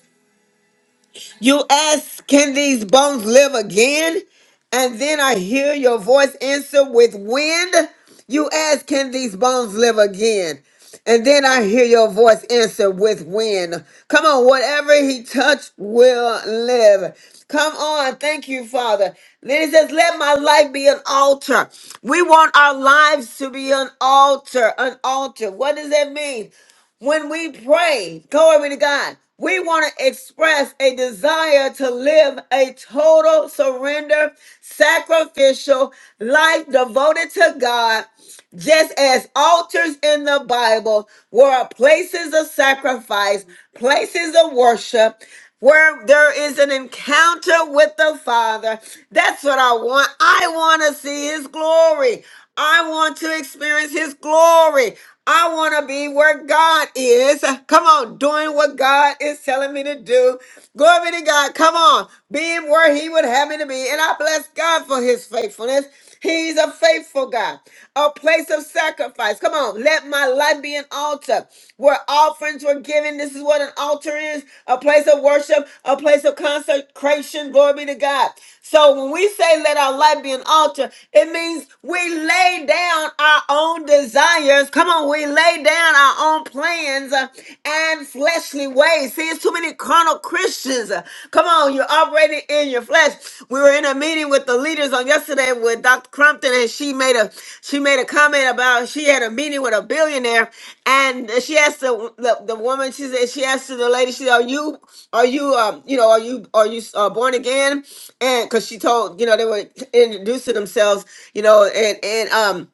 Speaker 1: you ask, Can these bones live again? And then I hear your voice answer with wind. You ask, Can these bones live again? And then I hear your voice answer with wind. Come on, whatever he touched will live. Come on, thank you, Father. Then he says, Let my life be an altar. We want our lives to be an altar. An altar. What does that mean? when we pray, glory to God, we want to express a desire to live a total surrender, sacrificial life devoted to God just as altars in the Bible were places of sacrifice, places of worship, where there is an encounter with the Father. That's what I want. I want to see His glory. I want to experience His glory. I want to be where God is. Come on, doing what God is telling me to do. Glory be to God. Come on, being where He would have me to be. And I bless God for His faithfulness. He's a faithful God, a place of sacrifice. Come on, let my life be an altar where offerings were given. This is what an altar is a place of worship, a place of consecration. Glory be to God. So when we say let our life be an altar, it means we lay down our own desires. Come on, we lay down our own plans uh, and fleshly ways. See, it's there's too many carnal Christians. Uh, Come on, you're operating in your flesh. We were in a meeting with the leaders on yesterday with Dr. Crumpton, and she made a she made a comment about she had a meeting with a billionaire, and she asked the the, the woman. She said she asked the lady. She said, "Are you are you um you know are you are you uh, born again?" And because she told you know they were introducing themselves, you know, and and um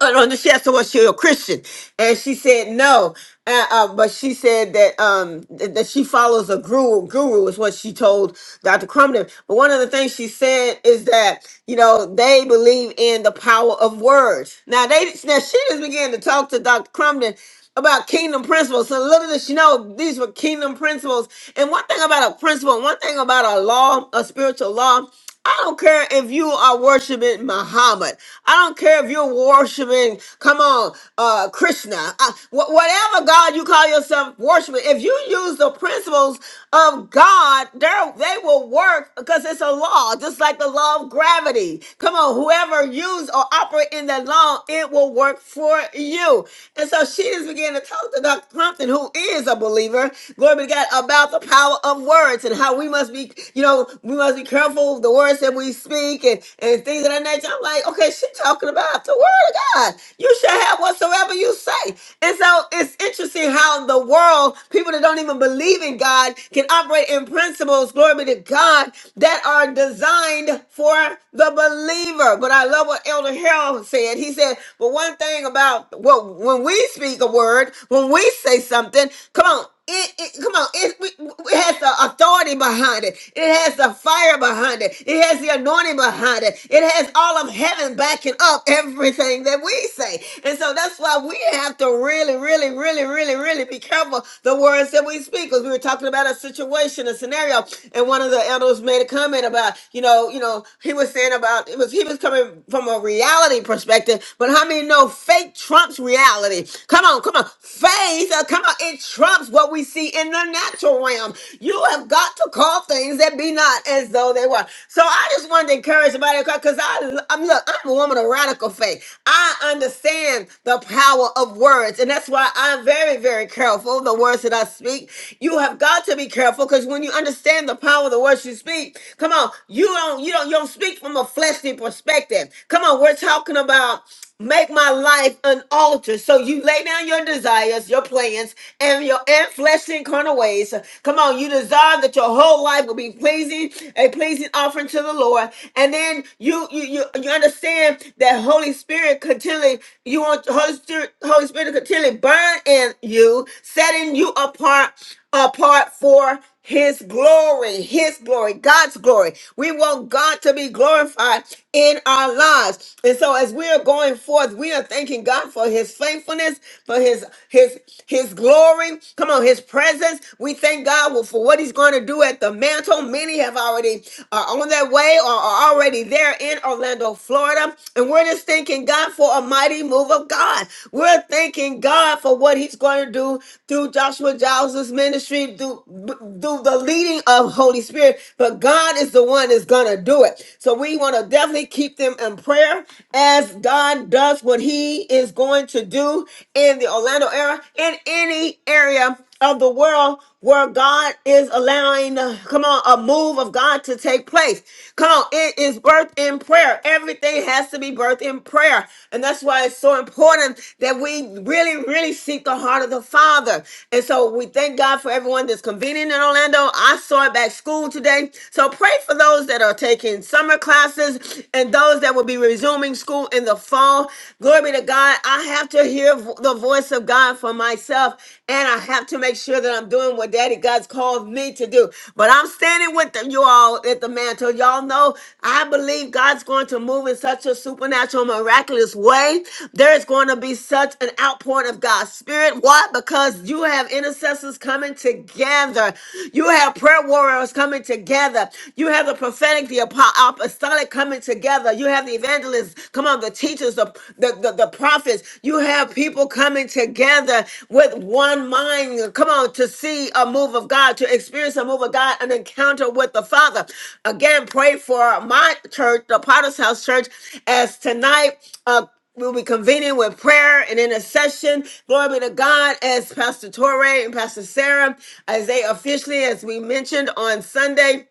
Speaker 1: and on the she asked her was she a Christian, and she said no. Uh, uh, but she said that um th- that she follows a guru. Guru is what she told Dr. Crumden. But one of the things she said is that you know they believe in the power of words. Now they now she just began to talk to Dr. Crumden about kingdom principles. So little did she know these were kingdom principles. And one thing about a principle, one thing about a law, a spiritual law. I don't care if you are worshiping Muhammad. I don't care if you're worshiping, come on, uh, Krishna. Uh, wh- whatever God you call yourself worshiping, if you use the principles of God, they're- they will work because it's a law, just like the law of gravity. Come on, whoever use or operate in that law, it will work for you. And so she just began to talk to Dr. Compton, who is a believer, glory be to God, about the power of words and how we must be you know, we must be careful of the words that we speak and, and things of that nature. I'm like, okay, she talking about the word of God. You shall have whatsoever you say. And so it's interesting how the world, people that don't even believe in God, can operate in principles, glory be to God, that are designed for the believer. But I love what Elder Harold said. He said, but one thing about well, when we speak a word, when we say something, come on. It, it come on. It, we- it has the authority behind it. It has the fire behind it. It has the anointing behind it. It has all of heaven backing up everything that we say. And so that's why we have to really, really, really, really, really be careful the words that we speak. Because we were talking about a situation, a scenario, and one of the elders made a comment about, you know, you know, he was saying about it was he was coming from a reality perspective, but how many know fake trumps reality? Come on, come on, faith faith, uh, come on, it trumps what we see in the natural realm. You have got to call things that be not as though they were. So I just wanted to encourage somebody because I, I'm look, I'm a woman of radical faith. I understand the power of words, and that's why I'm very, very careful the words that I speak. You have got to be careful because when you understand the power of the words you speak, come on, you don't, you don't, you don't speak from a fleshly perspective. Come on, we're talking about. Make my life an altar. So you lay down your desires, your plans, and your and fleshly and carnal ways. Come on, you desire that your whole life will be pleasing, a pleasing offering to the Lord. And then you you you, you understand that Holy Spirit continually, you want Holy Spirit, Holy Spirit to continually burn in you, setting you apart apart for his glory, his glory, God's glory. We want God to be glorified in our lives. And so as we are going forth, we are thanking God for his faithfulness, for his his his glory. Come on, his presence. We thank God well, for what he's going to do at the mantle. Many have already are on their way or are already there in Orlando, Florida. And we're just thanking God for a mighty move of God. We're thanking God for what He's going to do through Joshua Giles' ministry, through, through the leading of Holy Spirit. But God is the one that's going to do it. So we want to definitely keep them in prayer as God does what He is going to do in the Orlando area, in any area of the world where God is allowing, uh, come on, a move of God to take place. Come on, it is birthed in prayer. Everything has to be birthed in prayer. And that's why it's so important that we really, really seek the heart of the Father. And so we thank God for everyone that's convening in Orlando. I saw it back school today. So pray for those that are taking summer classes and those that will be resuming school in the fall. Glory be to God. I have have to hear vo- the voice of God for myself, and I have to make sure that I'm doing what Daddy God's called me to do. But I'm standing with the- you all at the mantle. Y'all know I believe God's going to move in such a supernatural, miraculous way. There is going to be such an outpouring of God's Spirit. Why? Because you have intercessors coming together, you have prayer warriors coming together, you have the prophetic, the apo- apostolic coming together. You have the evangelists. Come on, the teachers, the, the, the, the prophets. You have people coming together with one mind. Come on, to see a move of God, to experience a move of God, an encounter with the Father. Again, pray for my church, the Potter's House Church, as tonight. Uh, We'll be convening with prayer and intercession. Glory be to God as Pastor Torrey and Pastor Sarah, as they officially, as we mentioned on Sunday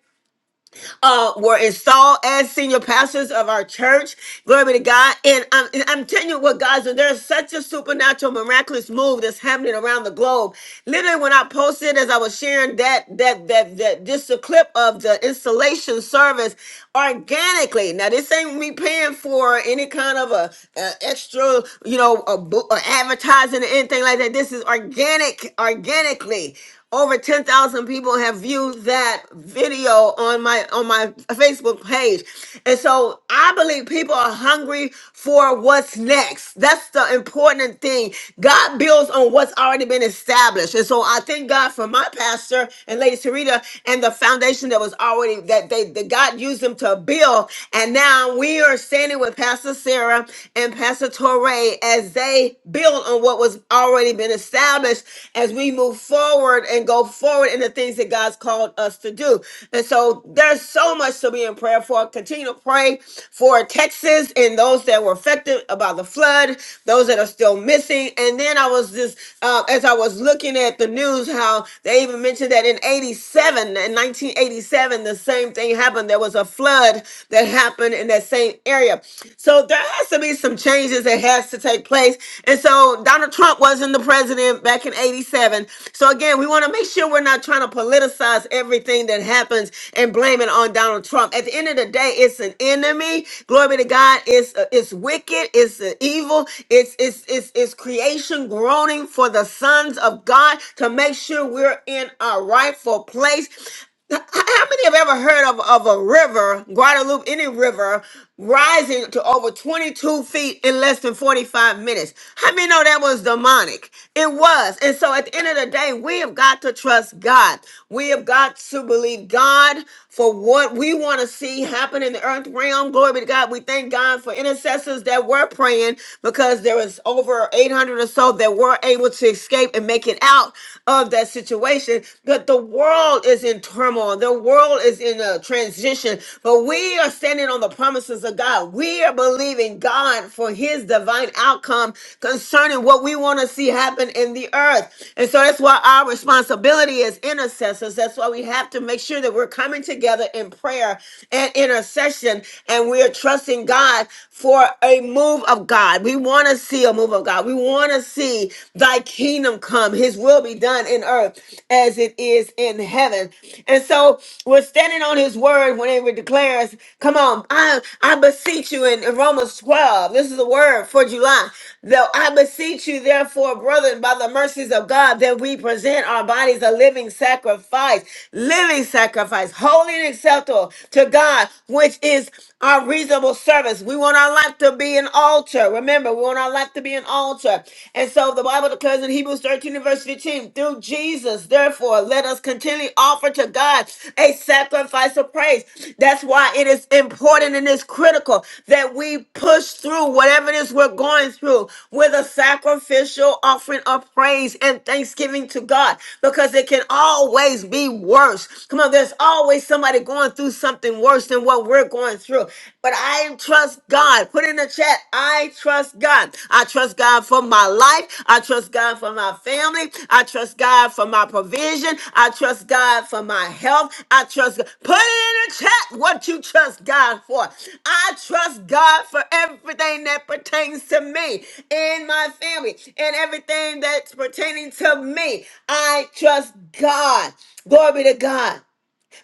Speaker 1: uh, were installed as senior pastors of our church. Glory be to God. And I'm, and I'm telling you what, guys, when there's such a supernatural, miraculous move that's happening around the globe. Literally, when I posted as I was sharing that that that that just a clip of the installation service organically. Now, this ain't me paying for any kind of a, a extra, you know, a, bo- a advertising or anything like that. This is organic, organically. Over 10,000 people have viewed that video on my on my Facebook page. And so I believe people are hungry for what's next. That's the important thing. God builds on what's already been established. And so I thank God for my pastor and Lady Sarita and the foundation that was already that they that God used them to build. And now we are standing with Pastor Sarah and Pastor Torrey as they build on what what was already been established as we move forward and go forward in the things that God's called us to do. And so there's so much to be in prayer for. Continue to pray for Texas and those that were affected about the flood, those that are still missing. And then I was just, uh, as I was looking at the news, how they even mentioned that in 87, in 1987, the same thing happened. There was a flood that happened in that same area. So there there has to be some changes that has to take place. And so Donald Trump wasn't the president back in 87. So again, we want to make sure we're not trying to politicize everything that happens and blame it on Donald Trump. At the end of the day, it's an enemy. Glory be to God. It's uh, it's wicked. It's uh, evil. It's it's it's it's creation groaning for the sons of God to make sure we're in our rightful place. Now, h- How many have ever heard of, of a river, Guadalupe, any river, rising to over 22 feet in less than 45 minutes? How many know that was demonic? It was. And so at the end of the day, we have got to trust God. We have got to believe God for what we want to see happen in the earth realm. Glory be to God. We thank God for intercessors that were praying because there was over 800 or so that were able to escape and make it out of that situation. But the world is in turmoil, the world is in a transition. But we are standing on the promises of God. We are believing God for his divine outcome concerning what we want to see happen in the earth. And so that's why our responsibility as intercessors, that's why we have to make sure that we're coming together in prayer and intercession and we are trusting God for a move of God. We want to see a move of God. We want want to see thy kingdom come, his will be done in earth as it is in heaven. And so we're standing on his word when it declares, Come on, I, I beseech you in, in Romans 12. This is the word for July. Though I beseech you, therefore, brethren, by the mercies of God, that we present our bodies a living sacrifice, living sacrifice, holy and acceptable to God, which is our reasonable service. We want our life to be to be an altar. Remember, we want our life to be an altar. And so the Bible declares in Hebrews 13 and verse 15, through Jesus, therefore, let us continually offer to God a sacrifice of praise. That's why it is important and it's critical that we push through whatever it is we're going through with a sacrificial offering of praise and thanksgiving to God because it can always be worse. Come on, there's always somebody going through something worse than what we're what we're going through. But I trust God. Put in the chat, I trust God. I trust God for my life. I trust God for my family. I trust God for my provision. I trust God for my health. I trust God. Put it in the chat what you trust God for. I trust God for everything that pertains to me and my family and everything that's pertaining to me. I trust God. Glory be to God.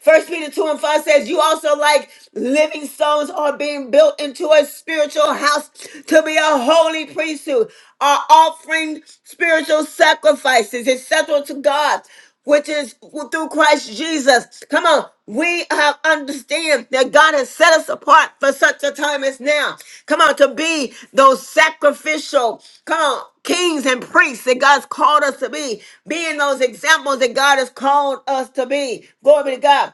Speaker 1: First Peter 2 and 5 says, You also like living stones are being built into a spiritual house to be a holy priesthood, are offering spiritual sacrifices acceptable to God, which is through Christ Jesus. Come on now we have understand that God has set us apart for such a time as now. Come on, to be those sacrificial, come on, kings and priests that God's called us to be, being those examples that God has called us to be. Glory be to God.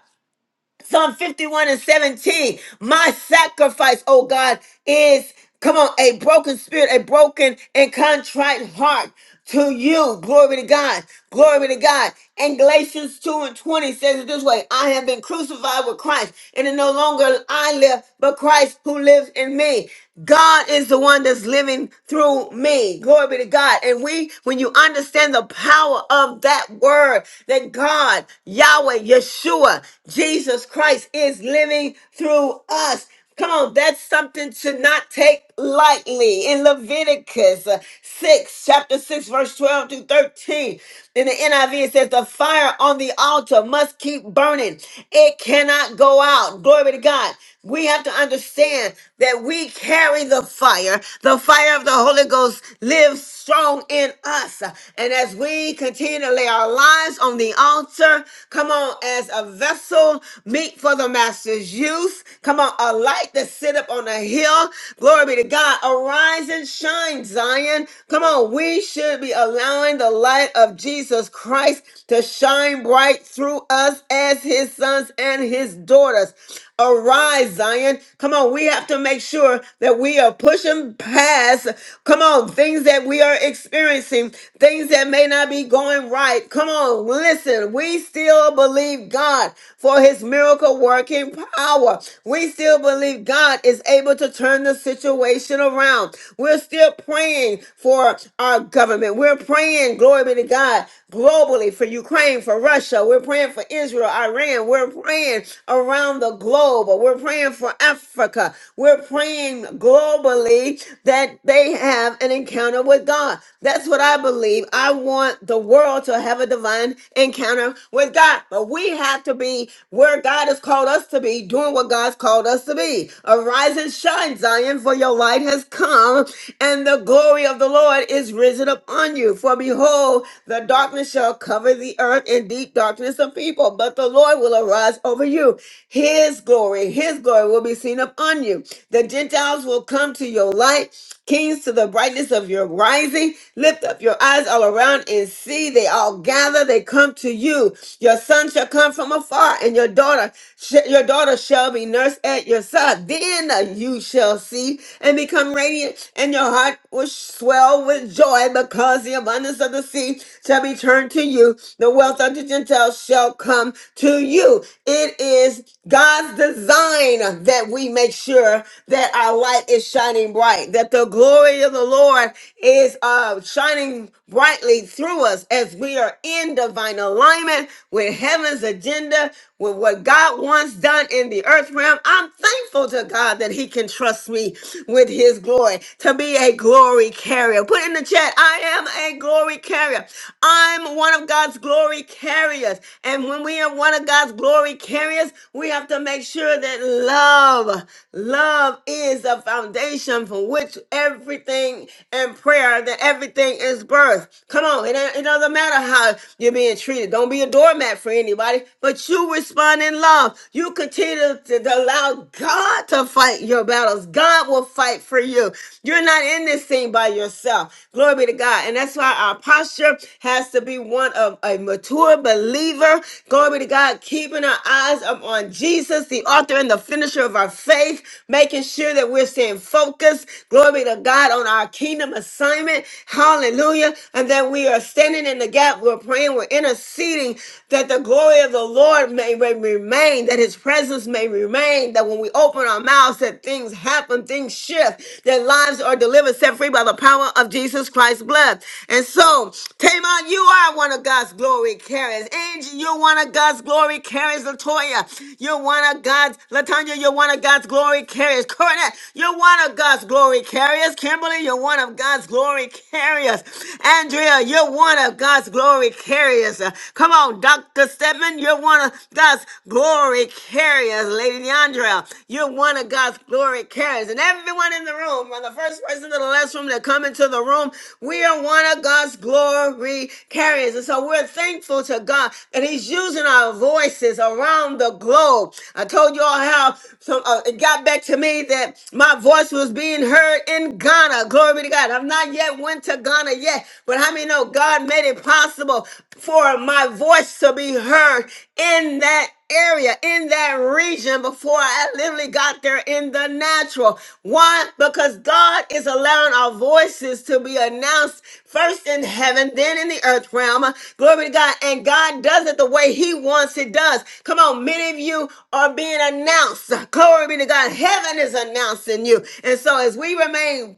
Speaker 1: Psalm 51 and 17. My sacrifice, oh God, is come on, a broken spirit, a broken and contrite heart to you. Glory to God. Glory to God. And Galatians 2 and 20 says it this way I have been crucified with Christ, and it no longer I live, but Christ who lives in me. God is the one that's living through me. Glory be to God. And we, when you understand the power of that word, that God, Yahweh, Yahweh, Yeshua, Jesus Christ is living through us. Come on, that's something to not take lightly. In Leviticus uh, 6, chapter 6, verse 12 to 13, in the NIV, it says, The fire on the altar must keep burning, it cannot go out. Glory to God. We have to understand that we carry the fire. The fire of the Holy Ghost lives strong in us. And as we continue to lay our lives on the altar, come on, as a vessel meet for the master's use, come on, a light that sit up on a hill. Glory be to God. Arise and shine, Zion. Come on, we should be allowing the light of Jesus Christ to shine bright through us as his sons and his daughters. Arise, Zion. Come on, we have to make sure that we are pushing past, come on, things that we are experiencing, things that may not be going right. Come on, listen, we still believe God for his miracle working power. We still believe God is able to turn the situation around. We're still praying for for our government. We're praying, glory be to God, globally for Ukraine, for Russia. We're praying for Israel, Iran. We're praying around the globe. We're praying for Africa. We're praying globally that they have an encounter with God. That's what I believe. I want the world to have a divine encounter with God. But we have to be be where God has called us to be, doing what God's called us to be. Arise and shine, Zion, for your light has come, and the glory of the Lord is risen upon you. For behold, the darkness shall cover the earth and deep darkness of people, but the Lord will arise over you. His glory, his glory will be seen upon you. The Gentiles will come to your light Kings to the brightness of your rising. Lift up your eyes all around and see. They all gather. They come to you. Your son shall come from afar, and your daughter, sh- your daughter shall be nursed at your side. Then you shall see and become radiant, and your heart will swell with joy because the abundance of the sea shall be turned to you. The wealth of the Gentiles shall come to you. It is God's design that we make sure that our light is shining bright, that the the glory of the Lord is uh, shining brightly through us as we are in divine alignment with heaven's agenda, with what God wants done in the earth realm. I'm thankful to God that He can trust me with His glory to be a glory carrier. Put in the chat, I am a glory carrier. I'm one of God's glory carriers. And when we are one of God's glory carriers, we have to make sure that love, love is a foundation for which everything in prayer, that everything is birth. Come on, it, it doesn't matter how you're being treated. Don't be a doormat for anybody, but you respond in love. You continue to, to allow God to fight your battles. God will fight for you. You're not in this thing by yourself. Glory be to God. And that's why our posture has to be one of a mature believer. Glory be to God, keeping our eyes up on Jesus, the author and the finisher of our faith, making sure that we're staying focused. Glory be to of God on our kingdom assignment. Hallelujah. And that we are standing in the gap. We're praying. We're interceding that the glory of the Lord may, may remain, that his presence may remain, that when we open our mouths, that things happen, things shift, that lives are delivered, set free by the power of Jesus Christ's blood. And so, Tamon, you are one of God's glory carriers. Angie, you're one of God's glory carriers. Latoya, you're one of God's, Latanya, you're one of God's glory carriers. Cornette, you're one of God's glory carriers. Liz Kimberly, you're one of God's glory carriers. Andrea, you're one of God's glory carriers. Uh, Come on, Dr. Stedman, you're one of God's glory carriers. Lady Deandra, you're one of God's glory carriers. And everyone in the room, from the first person to the last room that come into the room, we are one of God's glory carriers. And so we're thankful to God that He's using our voices around the globe. I told you all how some, uh, it got back to me that my voice was being heard in Ghana. Glory be to God. I've not yet went to Ghana yet, but how many know God made it possible for my voice to be heard in that area, in that region before I literally got there in the natural. Why? Because God is allowing our voices to be announced first in heaven, then in the earth realm. Glory to God. And God does it the way He wants it does. Come on, many of you are being announced. Glory be to God. Heaven is announcing you. And so as we remain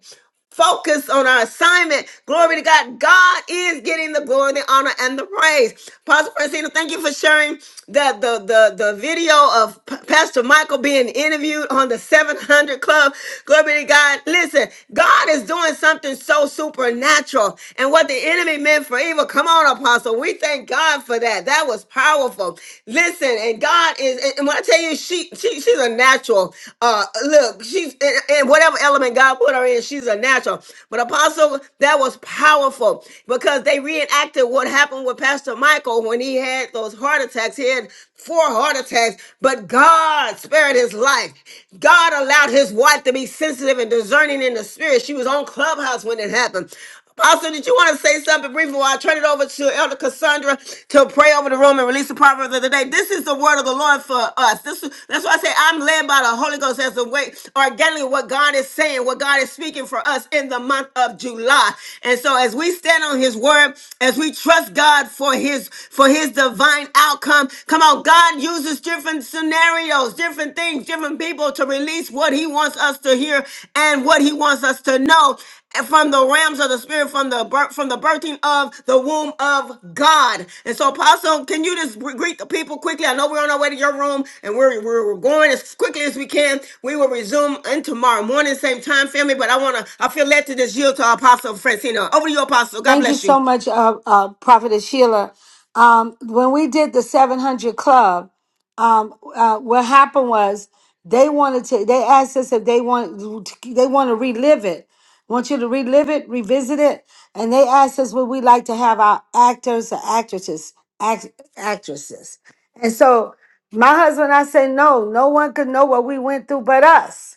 Speaker 1: Focus on our assignment. Glory to God. God is getting the glory, the honor, and the praise. Pastor Francina, thank you for sharing the, the, the, the video of P- Pastor Michael being interviewed on the 700 Club. Glory to God. Listen, God is doing something so supernatural. And what the enemy meant for evil, come on, Apostle. We thank God for that. That was powerful. Listen, and God. God is, and when I tell you, she, she she's a natural. Uh, look, she's in, in whatever element God put her in, she's a natural. But Apostle, that was powerful because they reenacted what happened with Pastor Michael when he had those heart attacks. He had four heart attacks, but God spared his life. God allowed his wife to be sensitive and discerning in the spirit. She was on Clubhouse when it happened. Apostle, did you want to say something briefly before I turn it over to Elder Cassandra to pray over the room and release the proverb of the day? This is the word of the Lord for us. This, that's why I say I'm led by the Holy Ghost as a way organically what God is saying, what God is speaking for us in the month of July. And so as we stand on his word, as we trust God for his for his divine outcome, come on, God uses different scenarios, different things, different people to release what he wants us to hear and what he wants us to know and from the realms of the spirit, from the bir- from the birthing of the womb of God. And so, Apostle, can you just re- greet the people quickly? I know we're on our way to your room, and we're we're we're going as quickly as we can. We will resume in tomorrow morning, same time, family. But I wanna, I feel led to just yield to our Apostle Francina. Over to you, Apostle. God
Speaker 12: Thank you
Speaker 1: bless you.
Speaker 12: so much, uh, uh, Prophetess Sheila. Um, when we did the 700 Club, um, uh, what happened was they wanted to, they asked us if they want, they want to relive it. Want you to relive it, revisit it. And they asked us would we like to have our actors or actresses, act, actresses. And so my husband, and I said, no, no one could know what we went through but us.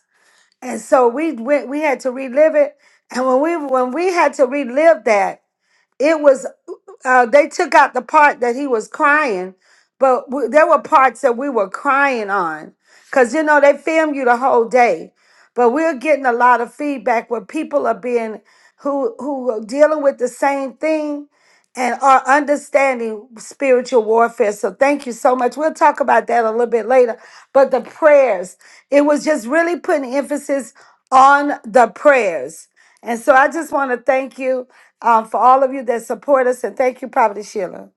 Speaker 12: And so we went, we had to relive it. And when we, when we had to relive that, it was uh, they took out the part that he was crying, but w- there were parts that we were crying on because you know they film you the whole day. But we're getting a lot of feedback where people are being who who are dealing with the same thing and our understanding spiritual warfare. So thank you so much. We'll talk about that a little bit later. But the prayers, it was just really putting emphasis on the prayers. And so I just want to thank you um, for all of you that support us, and thank you, Prophet Sheila.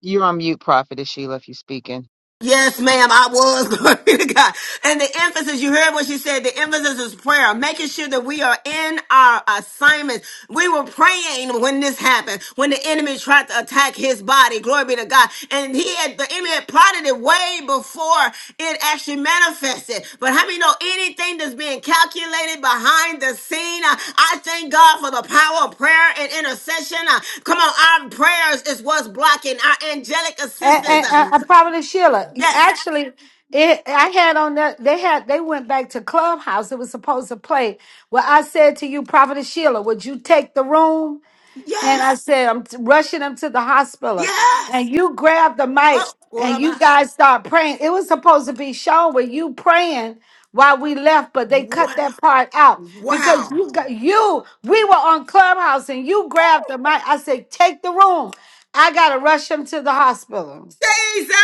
Speaker 13: You're on mute, Prophetess Sheila, if you're speaking.
Speaker 1: Yes, ma'am, I was. Glory to God. And the emphasis, you heard what she said, the emphasis is prayer, making sure that we are in our assignments. We were praying when this happened, when the enemy tried to attack his body. Glory be to God. And he had, the enemy had plotted it way before it actually manifested. But how many know anything that's being calculated behind the scene? uh, I thank God for the power of prayer and intercession. Uh, Come on, our prayers is what's blocking our angelic
Speaker 12: And,
Speaker 1: assistance.
Speaker 12: and,
Speaker 1: Uh,
Speaker 12: and uh, Prophet Sheila,
Speaker 1: Yes.
Speaker 12: actually, it, I had on that they had they went back to Clubhouse. It was supposed to play. Well, I said to you, Prophet Sheila, would you take the room? And I
Speaker 1: Yes.
Speaker 12: said, I'm t- rushing him to the hospital. And
Speaker 1: Yes.
Speaker 12: you grab the
Speaker 1: Oh,
Speaker 12: mic and you
Speaker 1: Korabashi.
Speaker 12: guys start praying. It was supposed to be shown where you praying while we left, but they
Speaker 1: Wow.
Speaker 12: cut that part out because
Speaker 1: Wow.
Speaker 12: you got you. We were on Clubhouse and you grabbed the mic. I said, take the room. I gotta rush him to the hospital.
Speaker 1: Jesus.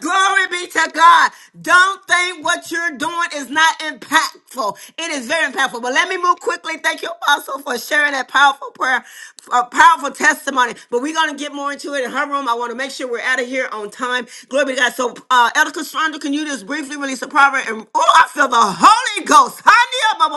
Speaker 1: Glory be to God. Don't think what you're doing is not impactful. It is very impactful. But let me move quickly. Thank you, Apostle, for sharing that powerful prayer, a powerful testimony. But we're going to get more into it in her room. I want to make sure we're out of here on time. Glory be to God. So, uh, Elder Cassandra, can you just briefly release a proverb? And oh, I feel the Holy Ghost. Hallelujah.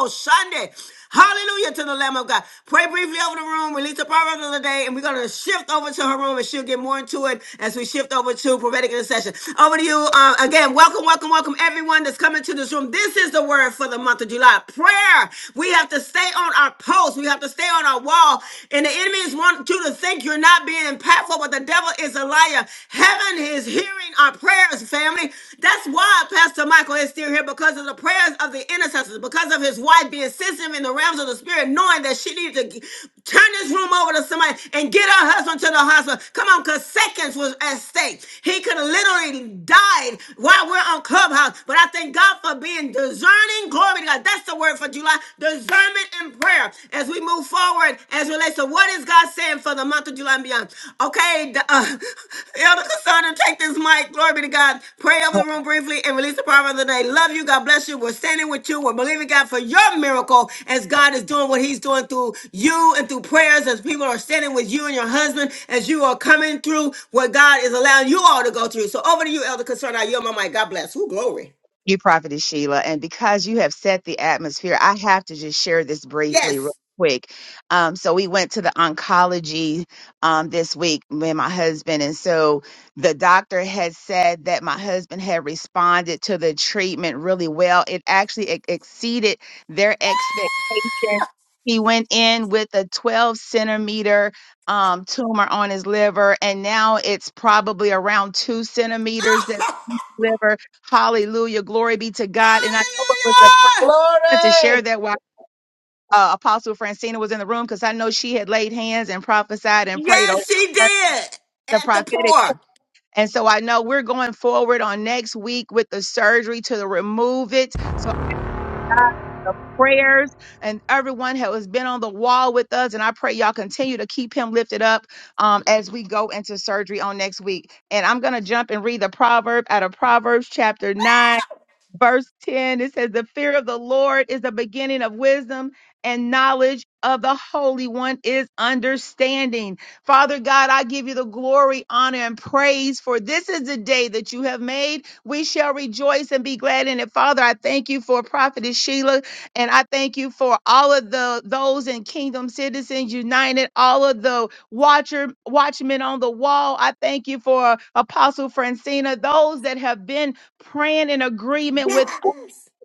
Speaker 1: Sunday. Hallelujah to the Lamb of God. Pray briefly over the room, release the proverb of the day, and we're going to shift over to her room and she'll get more into it as we shift over to prophetic intercession. Over to you uh, again. Welcome, welcome, welcome, everyone that's coming to this room. This is the word for the month of July prayer. We have to stay on our post, we have to stay on our wall. And the enemy is want you to think you're not being impactful, but the devil is a liar. Heaven is hearing our prayers prayers, family. That's why Pastor Michael is still here because of the prayers of the intercessors, because of his wife being sensitive in the realms of the spirit, knowing that she needs to g- turn this room over to somebody and get her husband to the hospital. Come on, because seconds was at stake. He could have literally died while we're on Clubhouse. But I thank God for being discerning. Glory to God. That's the word for July. Discernment and prayer. As we move forward as it relates to what is God saying for the month of July and beyond. Okay, the, uh, Elder Cassandra, take this mic. Glory be to God. Pray over the room briefly and release the power of the day. Love you. God bless you. We're standing with you. We're believing God for your miracle as God is doing what He's doing through you and through prayers as people are standing with you and your husband as you are coming through what God is allowing you all to go through. So over to you, Elder Cassandra. I yield my mic. God bless. Who glory.
Speaker 13: you, Prophetess Sheila. And because you have set the atmosphere, I have to just share this briefly, real
Speaker 1: Yes.
Speaker 13: quick. Um, so we went to the oncology um, this week, me and my husband. And so the doctor had said that my husband had responded to the treatment really well. It actually ex- exceeded their expectations. He went in with a 12 centimeter um, tumor on his liver, and now it's probably around two centimeters that liver. Hallelujah. Glory be to God. And I know it was a prayer.
Speaker 1: hallelujah.
Speaker 13: I wanted to share
Speaker 14: Glory.
Speaker 13: that while uh, Apostle Francina was in the room because I know she had laid hands and prophesied and prayed over
Speaker 1: Yes, she did.
Speaker 13: the
Speaker 1: At the
Speaker 13: prophetic.
Speaker 1: poor.
Speaker 13: And so I know we're going forward on next week with the surgery to remove it. So the prayers and everyone who has been on the wall with us. And I pray y'all continue to keep him lifted up um, as we go into surgery on next week. And I'm going to jump and read the proverb out of Proverbs chapter 9. verse 10 it says the fear of the lord is the beginning of wisdom and knowledge of the holy one is understanding father god i give you the glory honor and praise for this is the day that you have made we shall rejoice and be glad in it father i thank you for prophetess sheila and i thank you for all of the those in kingdom citizens united all of the watcher watchmen on the wall i thank you for apostle francina those that have been praying in agreement with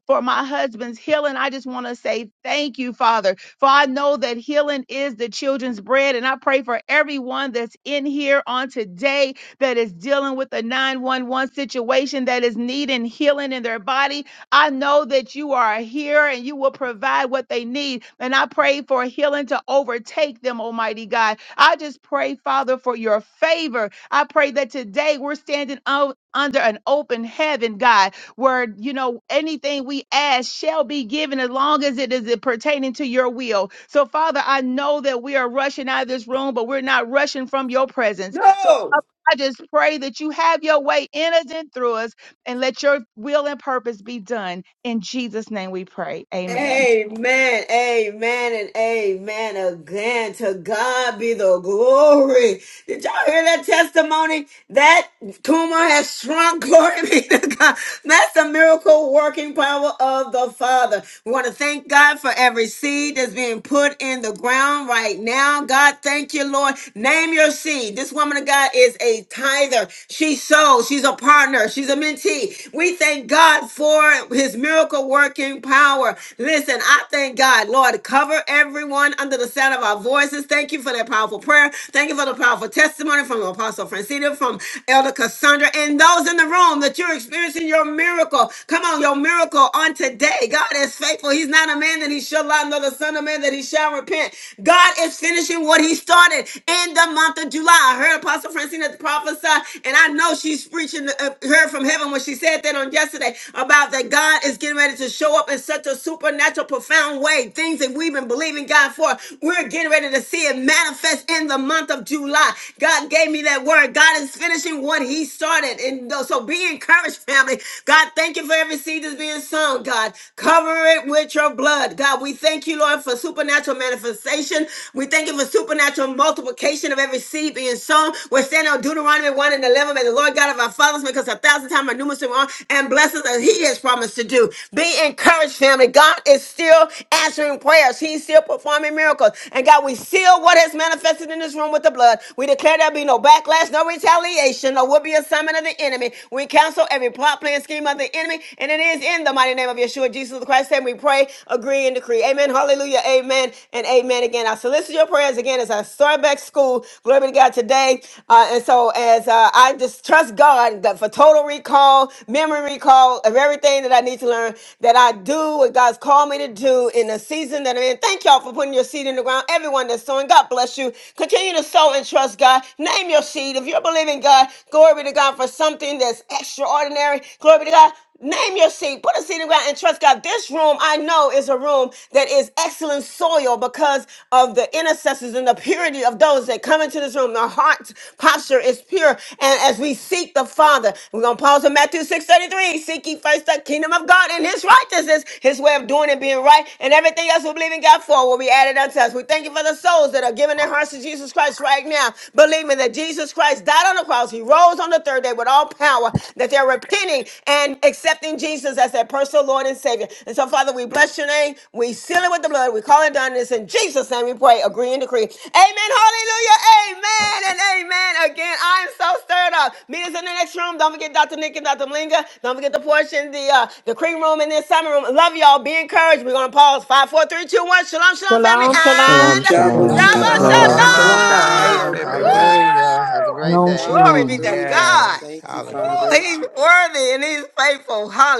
Speaker 13: for my husband's healing. I just want to say thank you, Father, for I know that healing is the children's bread. And I pray for everyone that's in here on today that is dealing with a 911 situation that is needing healing in their body. I know that you are here and you will provide what they need. And I pray for healing to overtake them, Almighty God. I just pray, Father, for your favor. I pray that today we're standing out under an open heaven, God where you know anything we ask shall be given as long as it is pertaining to your will. So, Father, I know that we are rushing out of this room, but we're not rushing from your presence. So
Speaker 1: No.
Speaker 13: Father, I just pray that you have your way in us and through us and let your will and purpose be done. In Jesus' name we pray. Amen.
Speaker 1: Amen. Amen and amen again. To God be the glory. Did y'all hear that testimony? That tumor has shrunk. Glory be to God. That's the miracle working power of the Father. We want to thank God for every seed that's being put in the ground right now. God, thank you, Lord. Name your seed. This woman of God is a tither. She sows. She's a partner. She's a mentee. We thank thank God for his miracle working power. Listen, I thank God. Lord, cover everyone under the sound of our voices. Thank you for that powerful prayer. Thank you for the powerful testimony from Apostle Francina, from Elder Cassandra, and those in the room that you're experiencing your miracle. Come on, your miracle on today. God is faithful. He's not a man that he shall lie, nor the son of man that he shall repent. God is finishing what he started in the month of July. I heard Apostle Francina prophesy, and I know she's preaching uh, heard from heaven when she said that on yesterday about that God is getting ready to show up in such a supernatural, profound way. Things that we've been believing God for, we're getting ready to see it manifest in the month of July. God gave me that word. God is finishing what He started. And so be encouraged, family. God, thank you for every seed that's being sown, God. Cover it with your blood. God, we thank you, Lord, for supernatural manifestation. We thank you for supernatural multiplication multiplication of every seed being sown. We're standing on Deuteronomy 1 and 11. May the Lord God of our fathers make us a thousand times our numerous and wrong and bless us as he has promised to do. Be encouraged, family. God is still answering prayers. He's still performing miracles. And God, we seal what has manifested in this room with the blood. We declare there'll be no backlash, no retaliation, no will be assignment of the enemy. We cancel every plot, plan, scheme of the enemy. And it is in the mighty name of Yeshua, Jesus Christ. And we pray, agree, and decree. Amen. Hallelujah. Amen. Amen and amen again. I solicit your prayers again as I start back school. Glory be to God today. Uh, and so as uh, I just trust God that for total recall, memory recall of everything that I need to learn, that I do what God's called me to do in the season that I'm in. Thank y'all for putting your seed in the ground. Everyone that's sowing, God bless you. Continue to sow and trust God. Name your seed. If you're believing God, glory be to God for something that's extraordinary. Glory be to God. Name your seed. Put a seed in the ground and trust God. This room I know is a room that is excellent soil because of the intercessors and the purity of those that come into this room. The heart posture is pure. And as we seek the Father, we're gonna pause in Matthew 6:33. Seek ye first the kingdom of God and his righteousness, his way of doing and being right, and everything else we believe in God for will be added unto us. We thank you for the souls that are giving their hearts to Jesus Christ right now, believing that Jesus Christ died on the cross, he rose on the third day with all power that they're repenting and accepting Jesus as their personal Lord and Savior. And so, Father, we bless your name. We seal it with the blood. We call it done. It's in Jesus' name we pray, agree and decree. Amen. Hallelujah. Amen and amen. Again, I'm so stirred up. Meet us in the next room. Don't forget Dr. Nick and Dr. Malinga. Don't forget the portion, the uh, the cream room and the summer room. Love y'all. Be encouraged. We're gonna pause. Five, four, three, two, one. Shalom, shalom, family,
Speaker 14: Shalom, shalom.
Speaker 15: Shalom,
Speaker 1: and
Speaker 16: Shalom,
Speaker 2: Double
Speaker 15: shalom.
Speaker 17: Shalom,
Speaker 16: shalom,
Speaker 15: God
Speaker 1: double
Speaker 16: Jabba
Speaker 3: Shalom,
Speaker 6: Shalom,
Speaker 16: shalom.
Speaker 17: shalom.
Speaker 15: bless.
Speaker 2: shalom,
Speaker 3: shalom. God bless
Speaker 2: fire
Speaker 1: shalom.
Speaker 6: shalom.
Speaker 3: everyone.
Speaker 2: room.
Speaker 6: Hallelujah. Have a great
Speaker 1: Woo!
Speaker 18: Shalom,
Speaker 6: day.
Speaker 1: Glory
Speaker 18: shalom.
Speaker 1: be to
Speaker 2: Hallelujah.
Speaker 1: God.
Speaker 3: Yes.
Speaker 2: Thank you,
Speaker 3: Hallelujah.
Speaker 2: Father.
Speaker 1: He's worthy and he's faithful. Hallelujah.